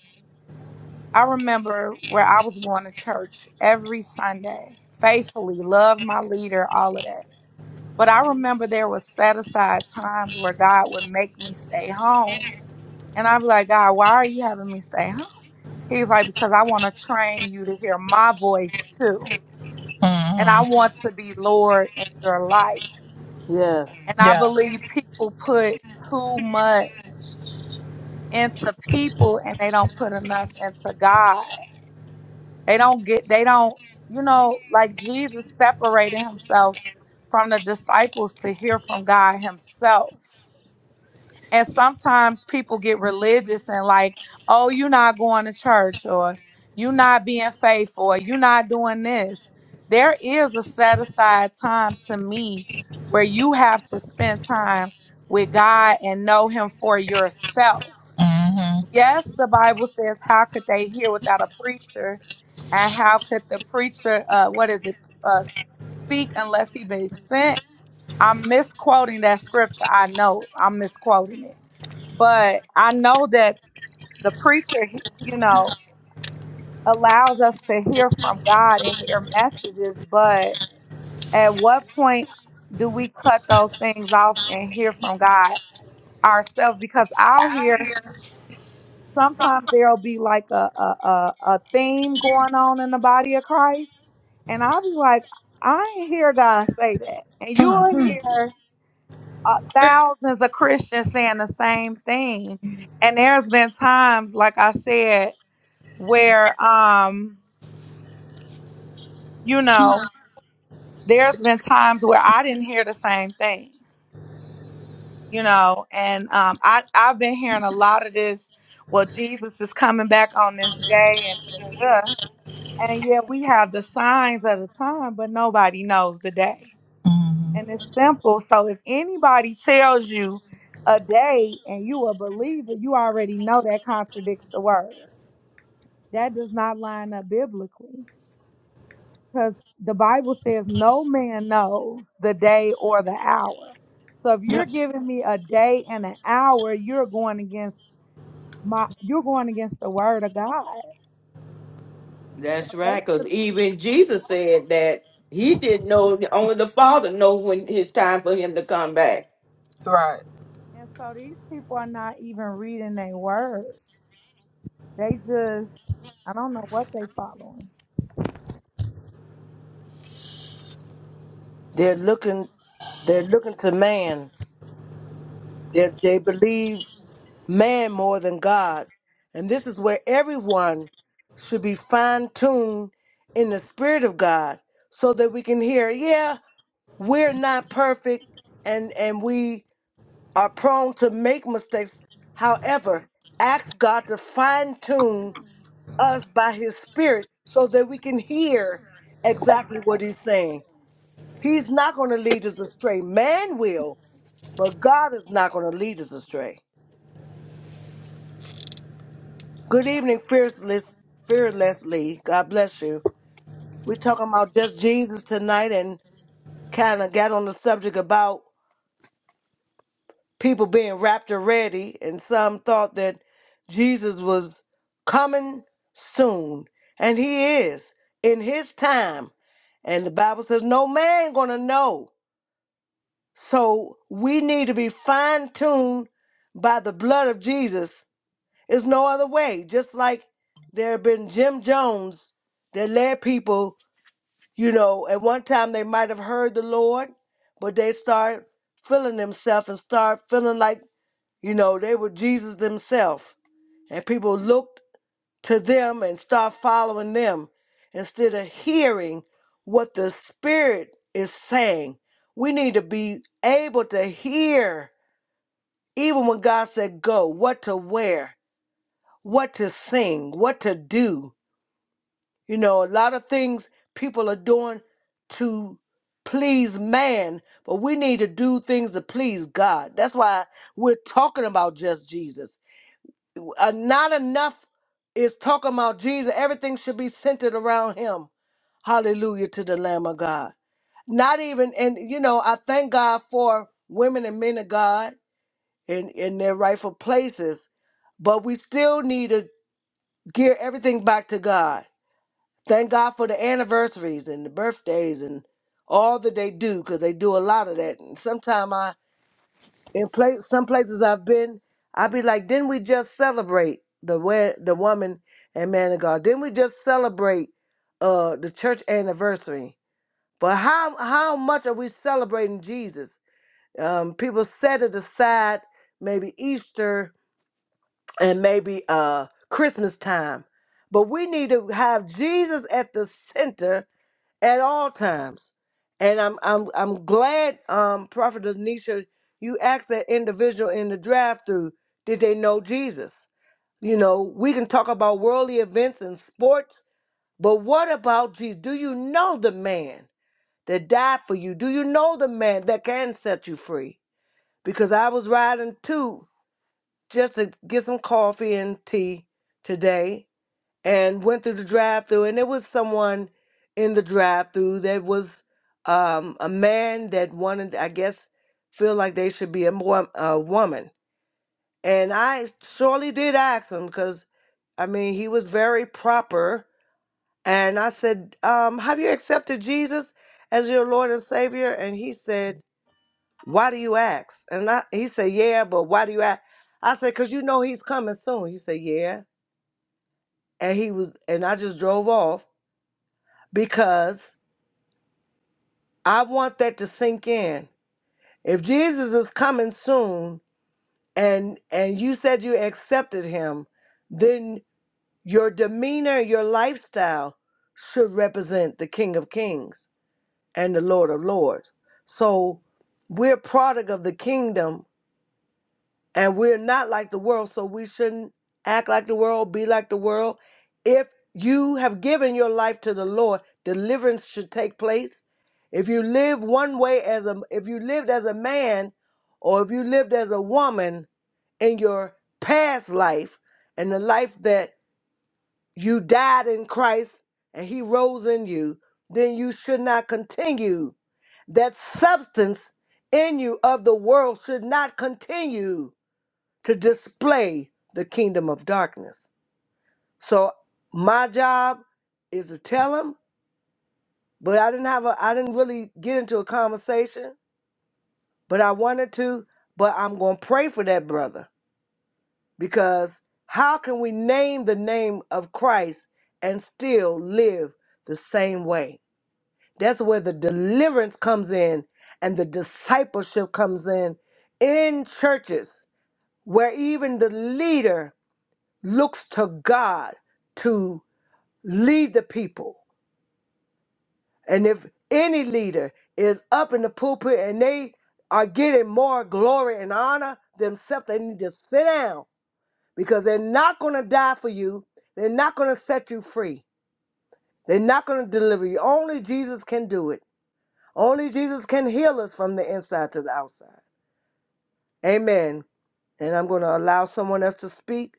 I remember where I was going to church every Sunday faithfully, love my leader, all of that. But I remember there was set aside times where God would make me stay home. And I'd be like, God, why are you having me stay home? He's like, because I want to train you to hear my voice too. And I
Mhm.
want to be Lord in your life.
Yes,
And I
Yes.
believe people put too much into people and they don't put enough into God. They don't get, they don't, you know, like Jesus separated himself from the disciples to hear from God himself And sometimes people get religious and like, oh, you're not going to church or you're not being faithful or you're not doing this. There is a set aside time to me where you have to spend time with God and know Him for yourself.
Mhm.
Yes, the Bible says, how could they hear without a preacher? And how could the preacher, uh, what is it, uh, speak unless he be sent? I'm misquoting that scripture. I know I'm misquoting it but I know that the preacher, he- you know, allows us to hear from God and hear messages, but at what point do we cut those things off and hear from God ourselves? Because I'll hear sometimes there'll be like a a, a, a theme going on in the body of Christ, and I'll be like, I ain't hear God say that, and you'll
Mhm.
hear. Uh, thousands of Christians saying the same thing, and there's been times, like I said, where um you know there's been times where i didn't hear the same thing you know and um i i've been hearing a lot of this well jesus is coming back on this day and da, da, da. and yet we have the signs of the time but nobody knows the day
Mhm.
and it's simple so if anybody tells you a day and you a believer you already know that contradicts the word that does not line up biblically Because the Bible says no man knows the day or the hour. So if you're giving me a day and an hour, you're going against my you're going against the word of God.
That's
They
right. Because
should
even Jesus said that he didn't know. Only the Father knows when it's time for him to come back.
Right.
and so these people are not even reading their word. They just I don't know what they following.
they're looking. They're looking to man. They they believe man more than God, and this is where everyone should be fine tuned in the spirit of God, so that we can hear. Yeah, we're not perfect, and and we are prone to make mistakes. However, ask God to fine tune us by His Spirit so that we can hear exactly what He's saying. He's not going to lead us astray. Man will, but God is not going to lead us astray. Good evening, fearless, fearlessly. God bless you. We're talking about just Jesus tonight and kind of got on the subject about. people being rapture ready, and some thought that Jesus was coming soon, and he is in his time. And the Bible says no man gonna know. So we need to be fine-tuned by the blood of Jesus. There's no other way. Just like there have been Jim Jones that led people, you know, at one time they might have heard the Lord, but they start feeling themselves and start feeling like you know, they were Jesus themselves. And people looked to them and start following them instead of hearing what the Spirit is saying. We need to be able to hear, even when God said go, what to wear, what to sing, what to do. You know, a lot of things people are doing to please man, but we need to do things to please God. That's why we're talking about just Jesus. Uh, not enough is talking about Jesus. Everything should be centered around him. Hallelujah to the Lamb of God. Not even, and you know, I thank God for women and men of God in, in their rightful places, but we still need to gear everything back to God. Thank God for the anniversaries and the birthdays and all that they do, because they do a lot of that. And sometimes in place, some places I've been, i be like, didn't we just celebrate the way, the woman and man of God? Didn't we just celebrate uh, the church anniversary? But how how much are we celebrating Jesus? Um, people set it aside, maybe Easter and maybe uh, Christmas time, but we need to have Jesus at the center at all times. And I'm I'm I'm glad, um, Prophet Nisha, you asked that individual in the drive-through, did they know Jesus? You know, we can talk about worldly events and sports, but what about Jesus? Do you know the man that died for you? Do you know the man that can set you free? Because I was riding too just to get some coffee and tea today and went through the drive through and there was someone in the drive through that was um, a man that wanted i guess feel like they should be a, mo- a woman and i surely did ask him because i mean he was very proper and i said um, have you accepted jesus as your lord and savior and he said why do you ask and I, he said yeah but why do you ask i said because you know he's coming soon he said yeah and he was and i just drove off because I want that to sink in. If Jesus is coming soon and and you said you accepted him, then your demeanor, your lifestyle should represent the King of Kings and the Lord of Lords. So we're product of the kingdom And we're not like the world, so we shouldn't act like the world, be like the world. If you have given your life to the Lord, deliverance should take place. If you live one way as a if you lived as a man or if you lived as a woman in your past life and the life that you died in Christ and he rose in you, then you should not continue. That substance in you of the world should not continue to display the kingdom of darkness. So my job is to tell them, but I didn't have a I didn't really get into a conversation, but I wanted to, but I'm going to pray for that brother because how can we name the name of Christ and still live the same way? That's where the deliverance comes in and the discipleship comes in in churches where even the leader looks to God to lead the people. And if any leader is up in the pulpit and they are getting more glory and honor themselves, they need to sit down because they're not going to die for you. They're not going to set you free. They're not going to deliver you. Only Jesus can do it. Only Jesus can heal us from the inside to the outside. Amen. And I'm going to allow someone else to speak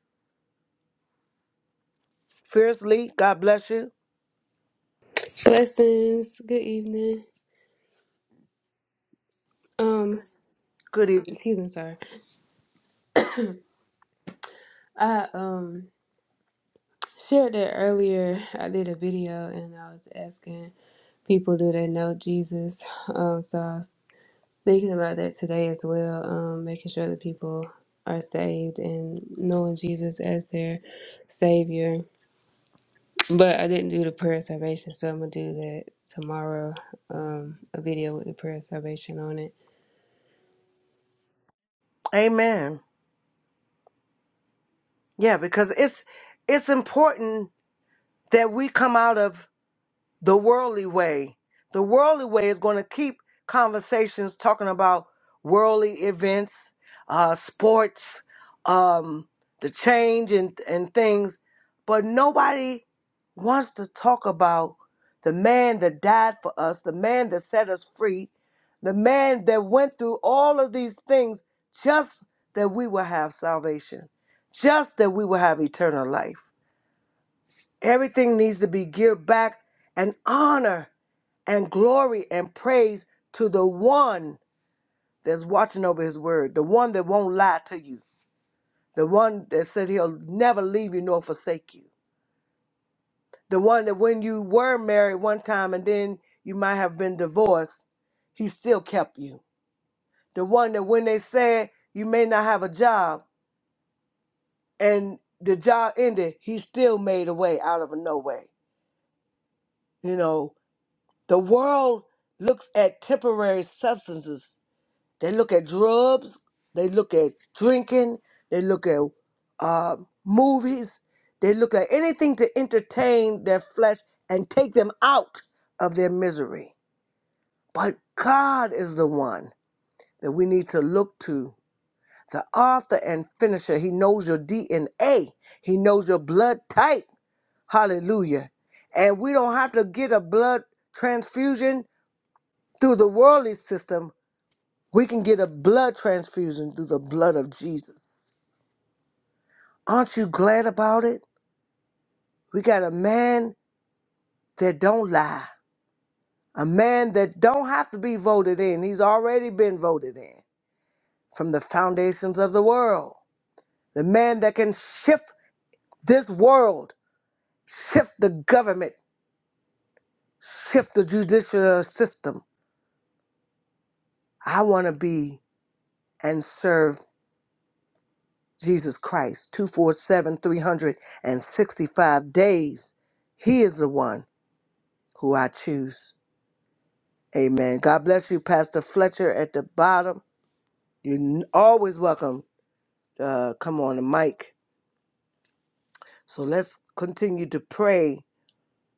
fiercely. God bless you.
Blessings. Good evening. Um,
Good evening.
excuse me, sorry. I um shared that earlier. I did a video and I was asking people do they know Jesus. Um, so I was thinking about that today as well. Um, making sure that people are saved and knowing Jesus as their savior. But I didn't do the prayer of salvation, so I'm gonna do that tomorrow. Um, a video with the prayer of salvation on it.
Amen. Yeah, because it's it's important that we come out of the worldly way. The worldly way is going to keep conversations talking about worldly events, uh, sports, um, the change and, and things, but nobody wants to talk about the man that died for us, the man that set us free, the man that went through all of these things just that we will have salvation, just that we will have eternal life. Everything needs to be geared back and honor and glory and praise to the one that's watching over his word, the one that won't lie to you, the one that said he'll never leave you nor forsake you, the one that when you were married one time and then you might have been divorced, he still kept you, the one that when they said you may not have a job and the job ended, he still made a way out of a no way. You know, The world looks at temporary substances. They look at drugs. They look at drinking. They look at uh, movies. They look at anything to entertain their flesh and take them out of their misery. But God is the one that we need to look to. The author and finisher. He knows your DNA. He knows your blood type. Hallelujah. And we don't have to get a blood transfusion Through the worldly system, we can get a blood transfusion through the blood of Jesus. Aren't you glad about it? We got a man that don't lie, a man that don't have to be voted in. He's already been voted in from the foundations of the world. The man that can shift this world, shift the government, shift the judicial system. I want to be and serve Jesus Christ, 247, 365 days. He is the one who I choose. Amen. God bless you, Pastor Fletcher at the bottom. You're n- always welcome. Uh, come on the mic. So let's continue to pray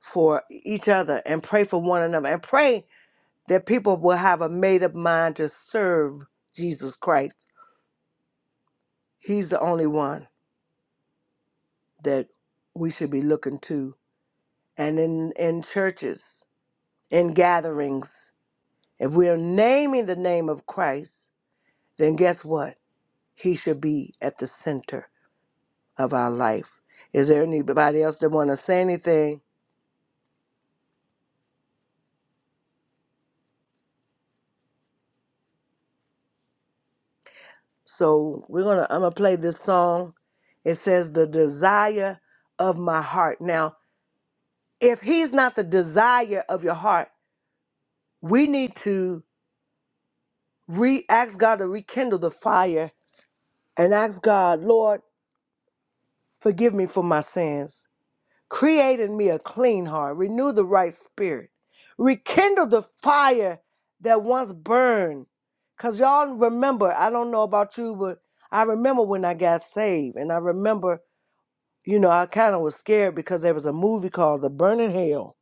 for each other and pray for one another and pray that people will have a made up mind to serve Jesus Christ. He's the only one that we should be looking to. And in, in churches, in gatherings. If we're naming the name of Christ, then guess what? He should be at the center of our life. Is there anybody else that want to say anything? So we're gonna. I'm gonna play this song. It says, "The desire of my heart." Now, if He's not the desire of your heart, we need to re ask God to rekindle the fire and ask God, Lord, forgive me for my sins. Create in me a clean heart, renew the right spirit, rekindle the fire that once burned. Because y'all remember, I don't know about you, but I remember when I got saved. And I remember, you know, I kind of was scared because there was a movie called The Burning Hell.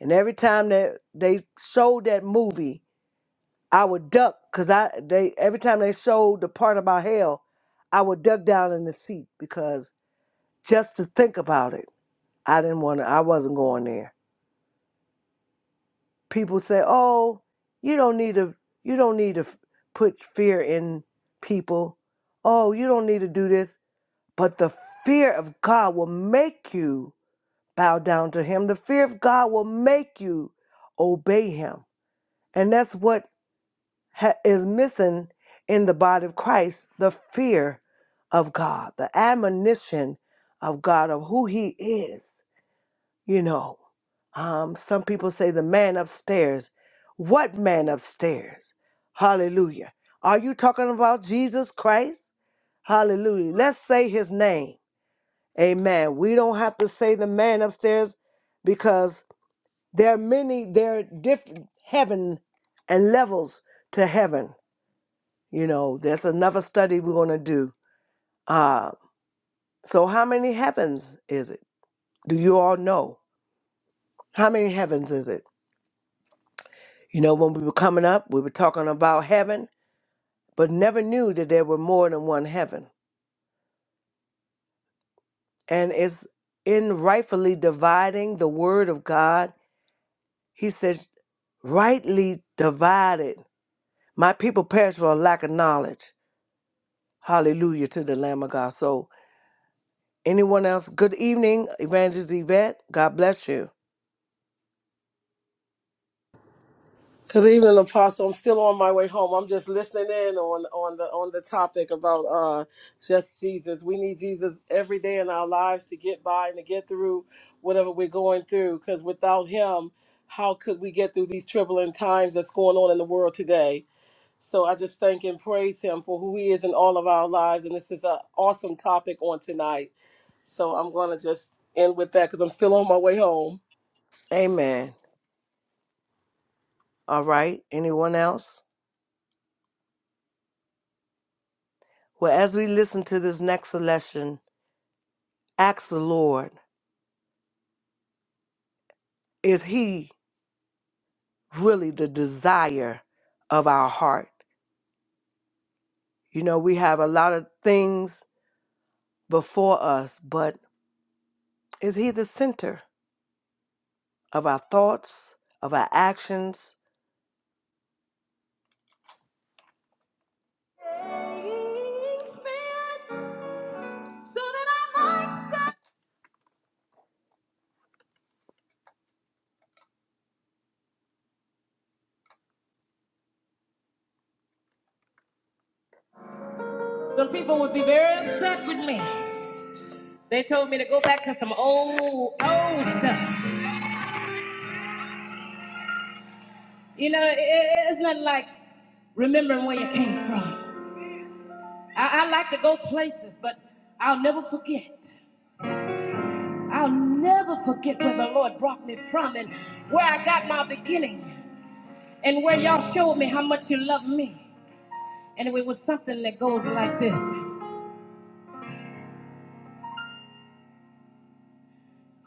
And every time that they showed that movie, I would duck because I they every time they showed the part about hell, I would duck down in the seat because just to think about it, I didn't want to. I wasn't going there. people say, "Oh, you don't need to you don't need to put fear in people. Oh, you don't need to do this." But the fear of God will make you bow down to him. The fear of God will make you obey him. And that's what ha- is missing in the body of Christ, the fear of God, the admonition of God of who he is you know, um, some people say the man upstairs. What man upstairs? Hallelujah. Are you talking about Jesus Christ? Hallelujah. Let's say his name. Amen. We don't have to say the man upstairs because there are many, there are different heaven and levels to heaven. You know, there's another study we're going to do. Uh, so, how many heavens is it? Do you all know? How many heavens is it? You know, when we were coming up, we were talking about heaven, but never knew that there were more than one heaven. And it's in rightfully dividing the word of God. He says, rightly divided. My people perish for a lack of knowledge. Hallelujah to the Lamb of God. So, anyone else? Good evening, Evangelist Yvette. God bless you.
Good evening, Apostle. I'm still on my way home. I'm just listening in on on the on the topic about uh just Jesus. We need Jesus every day in our lives to get by and to get through whatever we're going through. Because without Him, how could we get through these troubling times that's going on in the world today? So I just thank and praise Him for who He is in all of our lives. And this is an awesome topic on tonight. So I'm gonna just end with that because I'm still on my way home.
Amen. All right. Anyone else? Well, as we listen to this next selection, ask the Lord, is He really the desire of our heart. You know, we have a lot of things before us, but is He the center of our thoughts, of our actions? Some people would be very upset with me. They told me to go back to some old, old stuff. You know, i i- it's not like remembering where you came from. I, I like to go places, but I'll never forget. I'll never forget where the Lord brought me from and where I got my beginning and where y'all showed me how much you love me. And it was something that goes like this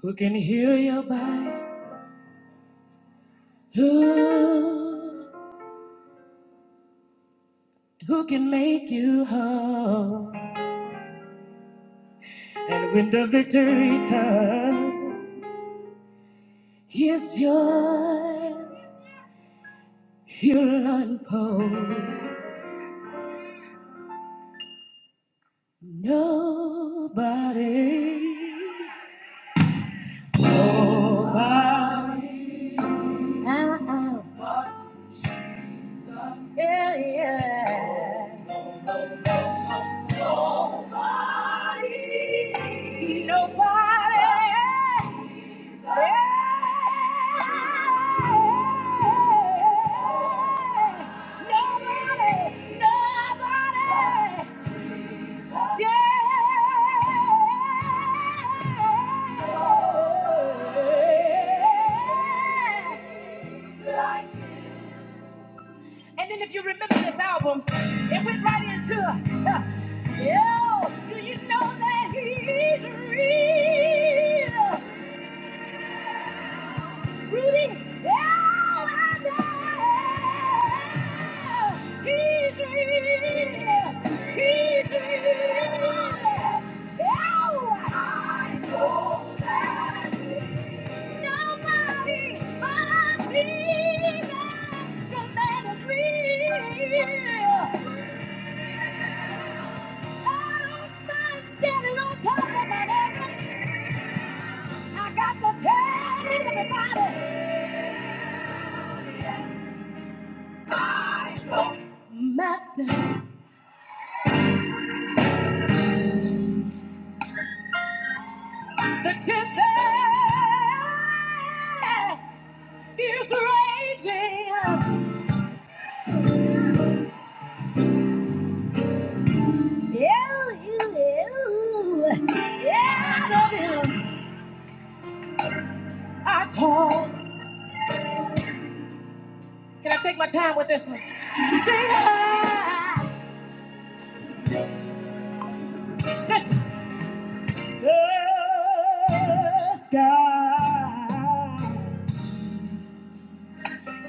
Who can heal your body? Who, who can make you whole? And when the victory comes, His joy you'll unfold. Nobody, nobody. Uh-uh. Yeah, yeah. Nobody. Nobody. Nobody. Nobody. Yeah. And then if you remember this album, it went right into uh, Yo, do you know that he's real? Rudy, oh, I know. He's real. He's real. Oh, I know that nobody but Jesus can make us real. Standing on top of my head, I got to tell everybody. Master, the tempest is raging. Ew, ew, ew. Yeah, I told. Can I take my time with this one? Sing high. The sky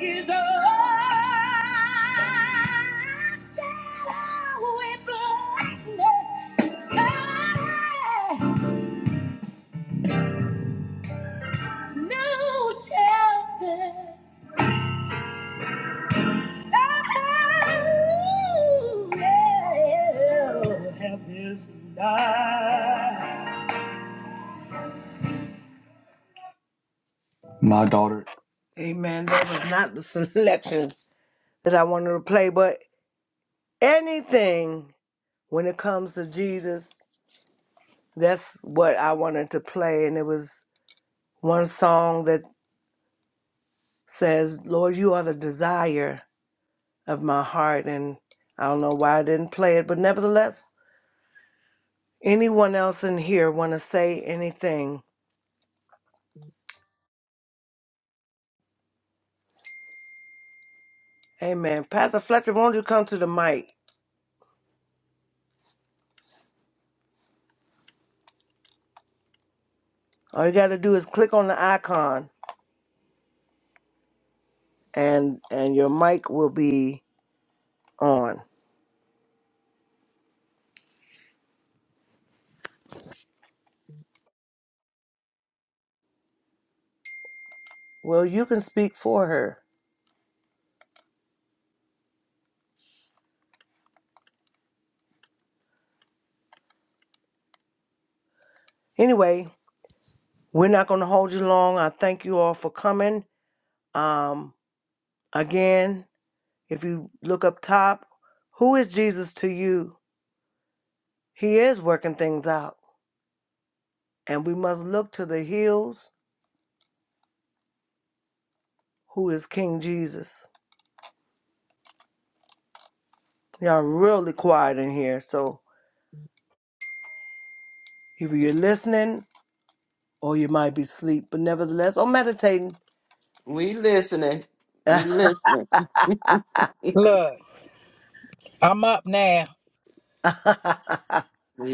is a shadow with blackness. I no shelter. I have his light. Amen. That was not the selection that I wanted to play, but anything when it comes to Jesus, that's what I wanted to play. And it was one song that says, Lord, you are the desire of my heart. And I don't know why I didn't play it, but nevertheless, anyone else in here want to say anything? Amen. Pastor Fletcher, won't you come to the mic? All you got to do is click on the icon and and your mic will be on. Well, you can speak for her. Anyway, we're not going to hold you long. I thank you all for coming. Um again, if you look up top, who is Jesus to you? He is working things out. And we must look to the hills, who is King Jesus. Y'all really quiet in here. So if you're listening, or you might be asleep, but nevertheless, or meditating.
We listening. We listening.
Look, I'm up now.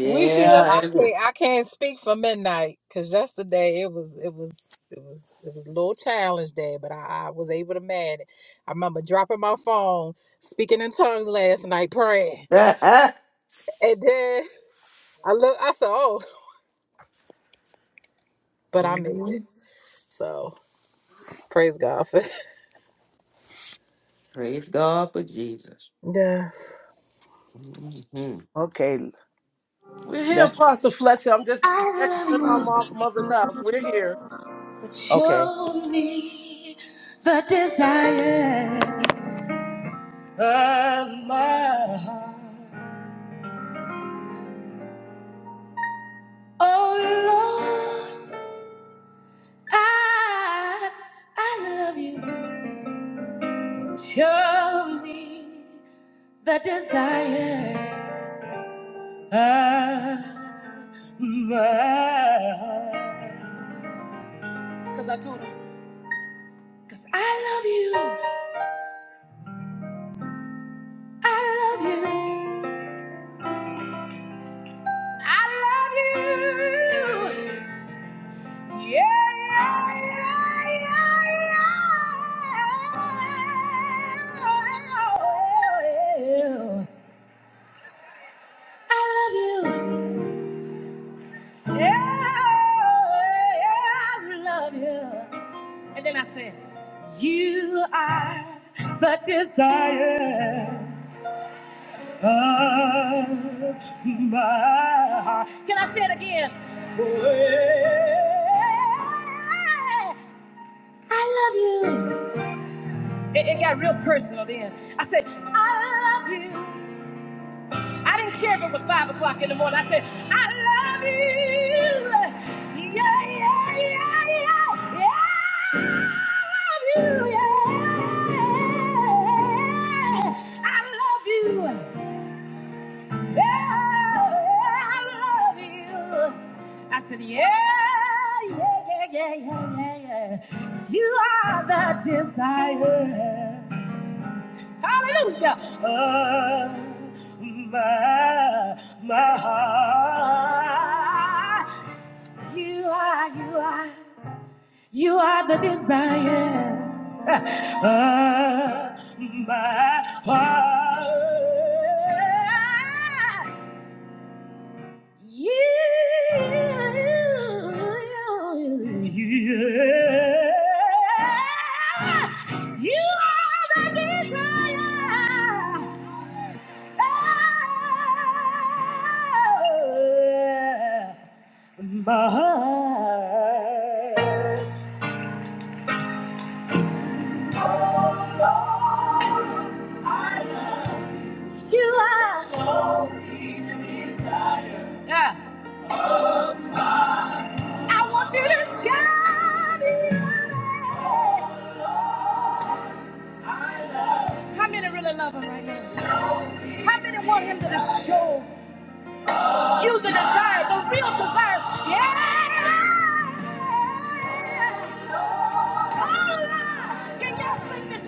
We here.
I can't
and-
I can't speak for midnight because yesterday it was it was it was it was a little challenge day, but I, I was able to manage. I remember dropping my phone, speaking in tongues last night, praying, and then I look I said, oh, but I made it.
Mhm.
So praise God for
Praise God for Jesus.
yes.
hmm
okay,
We're here,
let's.
Apostle Fletcher. I'm just back
I love
in my
you,
mom, mother's house. We're here.
but show Okay. me the desire of my heart. Oh Lord, I I love you. Show me the desire of mine. Cause I told him, cause I love you. I love you. I love you. Yeah, yeah, yeah, yeah. yeah, I love you. yeah, Yeah, yeah, I love you. And then I said. You are the desire of my heart. Can I say it again? It, it got real personal then. I said, I love you. I didn't care if it was five o'clock in the morning. I said, I love you. Yeah, yeah, yeah, yeah, yeah. I love you. Yeah. I love you. Yeah, I love you. I said, yeah, yeah, yeah, yeah, yeah, yeah, yeah. You are the desire. Hallelujah. Of my, my heart. You are, you are, you are the desire. of my heart. You, yeah, you, are the desire Oh, my heart. Yeah. How many really love him right now? How many want him to just show you the desire, the real desires? Yeah,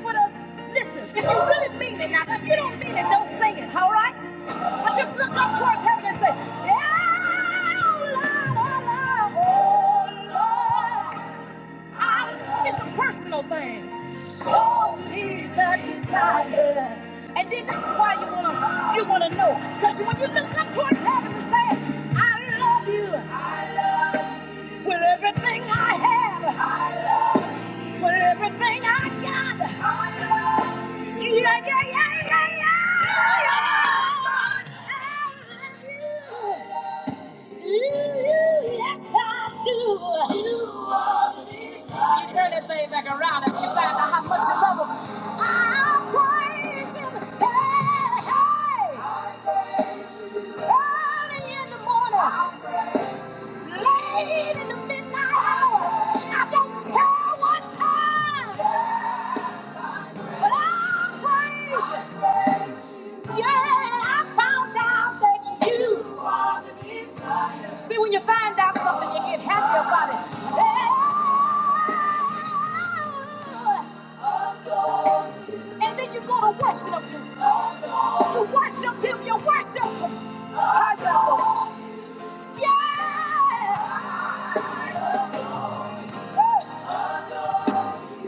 but us, listen, you really mean it. Now, if you don't mean it, don't say it, all right? But just look up towards heaven and say, "Yeah, oh Lord, oh Lord, oh Lord." I- It's a personal thing. Oh, me the desire. And then this is why you wanna you wanna know. Because when you look up towards heaven and say, I love you. I love you. With everything I have. I love you. With everything I got. Yeah, yeah, yeah, yeah, yeah. You, you, yes, I do. You are the reason. She turn that thing back around and she found out how much you love him. I praise him. Hey, hey. Early in the morning. Late in the midnight hour, I don't care what time, but i praise you. Yeah, I found out that you See, when you find out something, you get happy about it. Yeah. And then you go to worship him. You worship him, you worship him. How you worship? Yeah.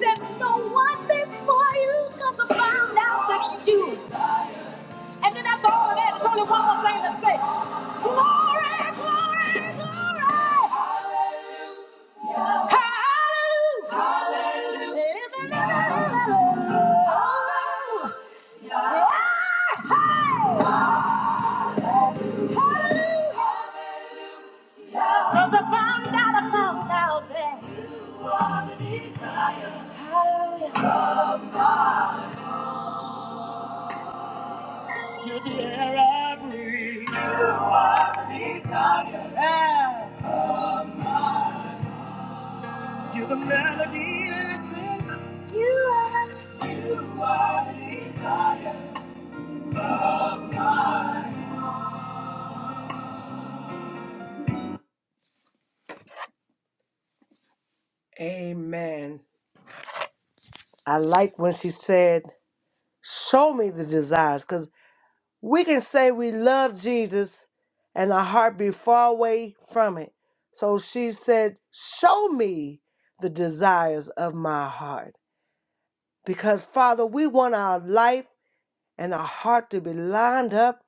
There's no one before you because I found out that you. And then after all of that, there's only one more thing to say. Glory, glory, glory. Hallelujah. Hallelujah. I I found found out, I found out that Hallelujah. You're the melody I sing. You are, you are the desire. Amen. I like when she said, Show me the desires, because we can say we love Jesus and our heart be far away from it. So she said, Show me the desires of my heart. Because, Father, we want our life and our heart to be lined up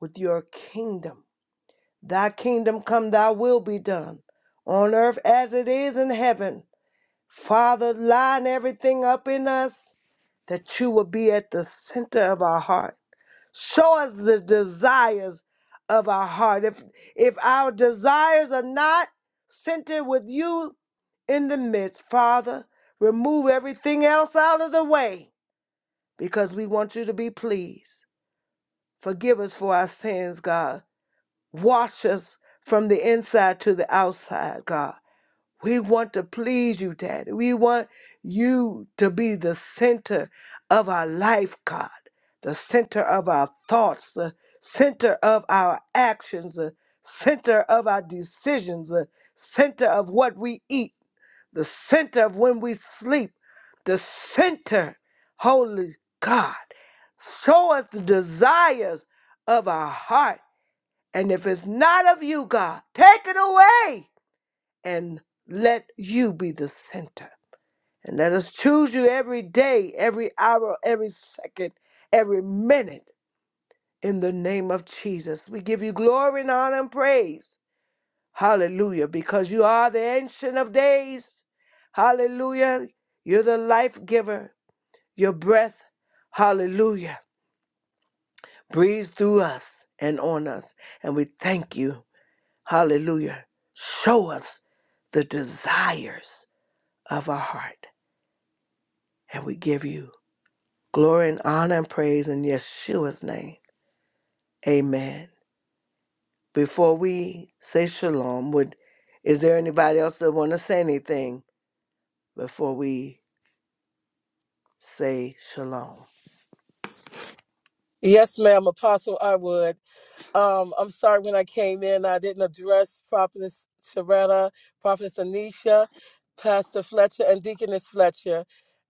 with your kingdom. Thy kingdom come, thy will be done on earth as it is in heaven. Father, line everything up in us that you will be at the center of our heart. Show us the desires of our heart. If if our desires are not centered with you in the midst, Father, remove everything else out of the way because we want you to be pleased. Forgive us for our sins, God. Wash us from the inside to the outside, God. We want to please you, Daddy. We want you to be the center of our life, God, the center of our thoughts, the center of our actions, the center of our decisions, the center of what we eat, the center of when we sleep, the center, Holy God. Show us the desires of our heart and if it's not of you, God, take it away and let you be the center. And let us choose you every day, every hour, every second, every minute in the name of Jesus. We give you glory and honor and praise. Hallelujah. Because you are the ancient of days. Hallelujah. You're the life giver. Your breath, hallelujah, breathes through us and on us. And we thank you. Hallelujah. Show us the desires of our heart. And we give you glory and honor and praise in Yeshua's name. Amen. Before we say shalom, would is there anybody else that want to say anything before we say shalom?
Yes, ma'am, Apostle I would. Um, I'm sorry when I came in, I didn't address Prophetess Sharetta, Prophetess Anisha, Pastor Fletcher, and Deaconess Fletcher,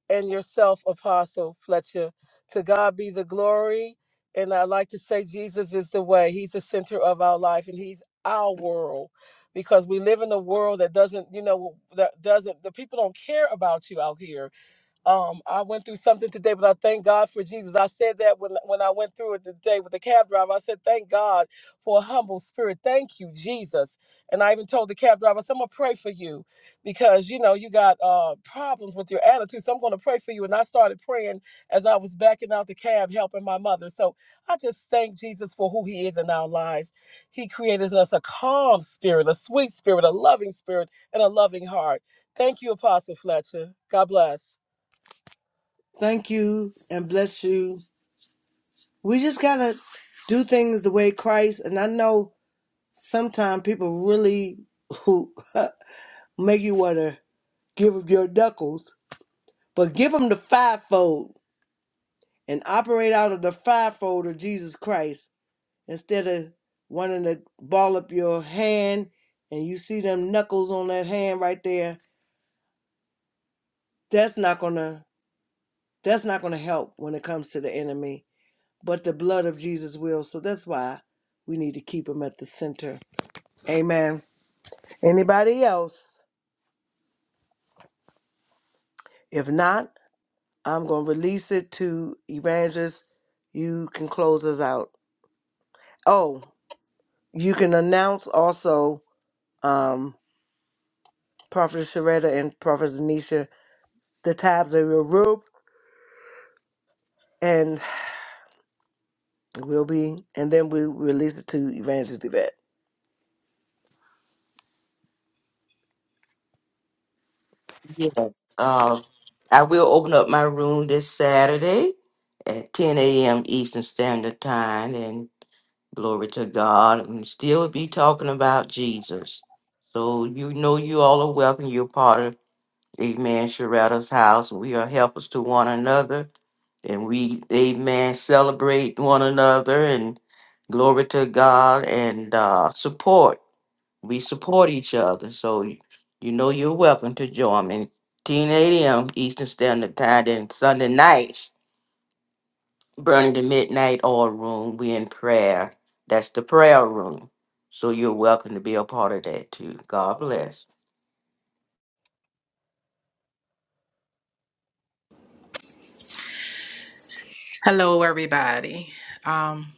and yourself, Apostle Fletcher. To God be the glory. And I like to say Jesus is the way. He's the center of our life, and He's our world. Because we live in a world that doesn't, you know, that doesn't, the people don't care about you out here Um, I went through something today, but I thank God for Jesus. I said that when when I went through it today with the cab driver. I said, "Thank God for a humble spirit. Thank you, Jesus." And I even told the cab driver, I said, "I'm gonna pray for you because you know you got uh, problems with your attitude, so I'm gonna pray for you." And I started praying as I was backing out the cab, helping my mother. So I just thank Jesus for who He is in our lives. He created in us a calm spirit, a sweet spirit, a loving spirit, and a loving heart. Thank you, Apostle Fletcher. God bless.
Thank you and bless you. We just gotta do things the way Christ. And I know sometimes people really who make you wanna give give 'em your knuckles But give them the fivefold and operate out of the fivefold of Jesus Christ instead of wanting to ball up your hand and you see them knuckles on that hand right there. That's not gonna that's not gonna help when it comes to the enemy. But the blood of Jesus will. So that's why we need to keep him at the center. Amen. Anybody else? If not, I'm gonna release it to Evangelist. You can close us out. Oh, you can announce also um, Prophet Sharetta and Prophet Zanisha the tabs of your room, and we'll be, and then we release it to Evangelist Yvette.
Yeah. Uh, I will open up my room this Saturday at 10 a.m. Eastern Standard Time, Glory to God. And still be talking about Jesus. So you know you all are welcome. You're part of Amen Sharetta's house. We are helpers to one another. And we, Amen, celebrate one another and glory to God and uh, support. We support each other. So y- you know you're welcome to join me. 10 a.m. Eastern Standard Time and Sunday nights burning the midnight oil room. We in prayer. That's the prayer room. So you're welcome to be a part of that too. God bless.
Hello, everybody. Um,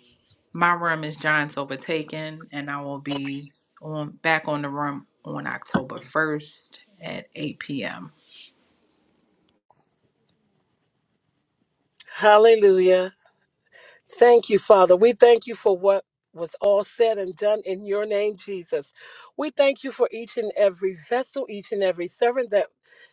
my room is Giants Overtaken, and I will be on back on the room on October 1st at 8 p.m.
Hallelujah. Thank you, Father. We thank you for what was all said and done in your name, Jesus. We thank you for each and every vessel, each and every servant that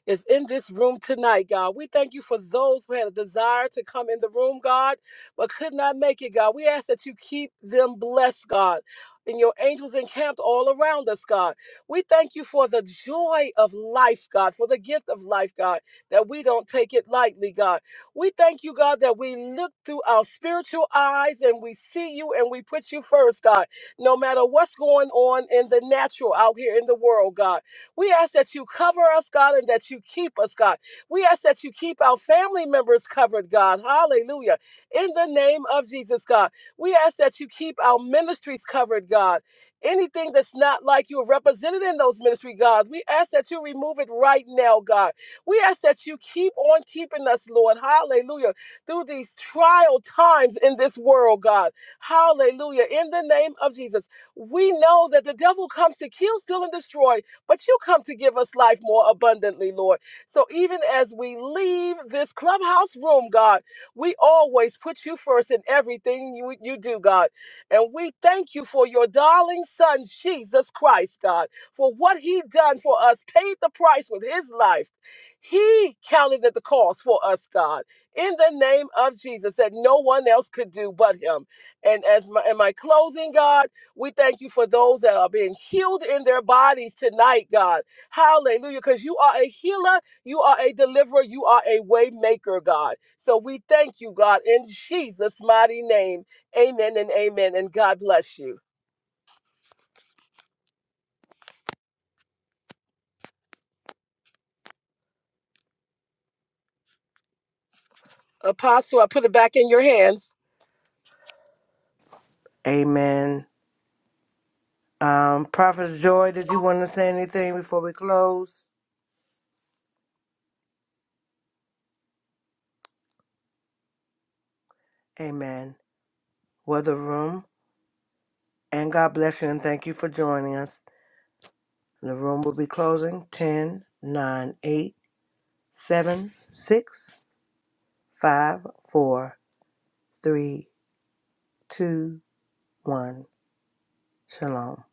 is in this room tonight, God. We thank you for those who had a desire to come in the room, God, but could not make it, God. We ask that you keep them blessed, God. And your angels encamped all around us, God. We thank you for the joy of life, God, for the gift of life, God, that we don't take it lightly, God. We thank you, God, that we look through our spiritual eyes and we see you and we put you first, God, no matter what's going on in the natural out here in the world, God. We ask that you cover us, God, and that you keep us, God. We ask that you keep our family members covered, God. Hallelujah. In the name of Jesus, God. We ask that you keep our ministries covered, God. Anything that's not like you represented in those ministry, God, we ask that you remove it right now, God. We ask that you keep on keeping us, Lord. Hallelujah. Through these trial times in this world, God. Hallelujah. In the name of Jesus. We know that the devil comes to kill, steal, and destroy, but you come to give us life more abundantly, Lord. So even as we leave this clubhouse room, God, we always put you first in everything you, you do, God. And we thank you for your darling son, Jesus Christ, God, for what he done for us, paid the price with his life he counted at the cost for us, God, in the name of Jesus, that no one else could do but Him. And as my, in my closing, God, we thank you for those that are being healed in their bodies tonight, God. Hallelujah, because you are a healer, you are a deliverer, you are a way maker, God. So we thank you, God, in Jesus' mighty name. Amen and amen. And God bless you. Apostle, I put it back in your hands.
Amen. Um, Prophet Joy, did you want to say anything before we close? Amen. Well, the room, and God bless you, and thank you for joining us. The room will be closing Ten, nine, eight, seven, six, five, four, three, two, one. Shalom.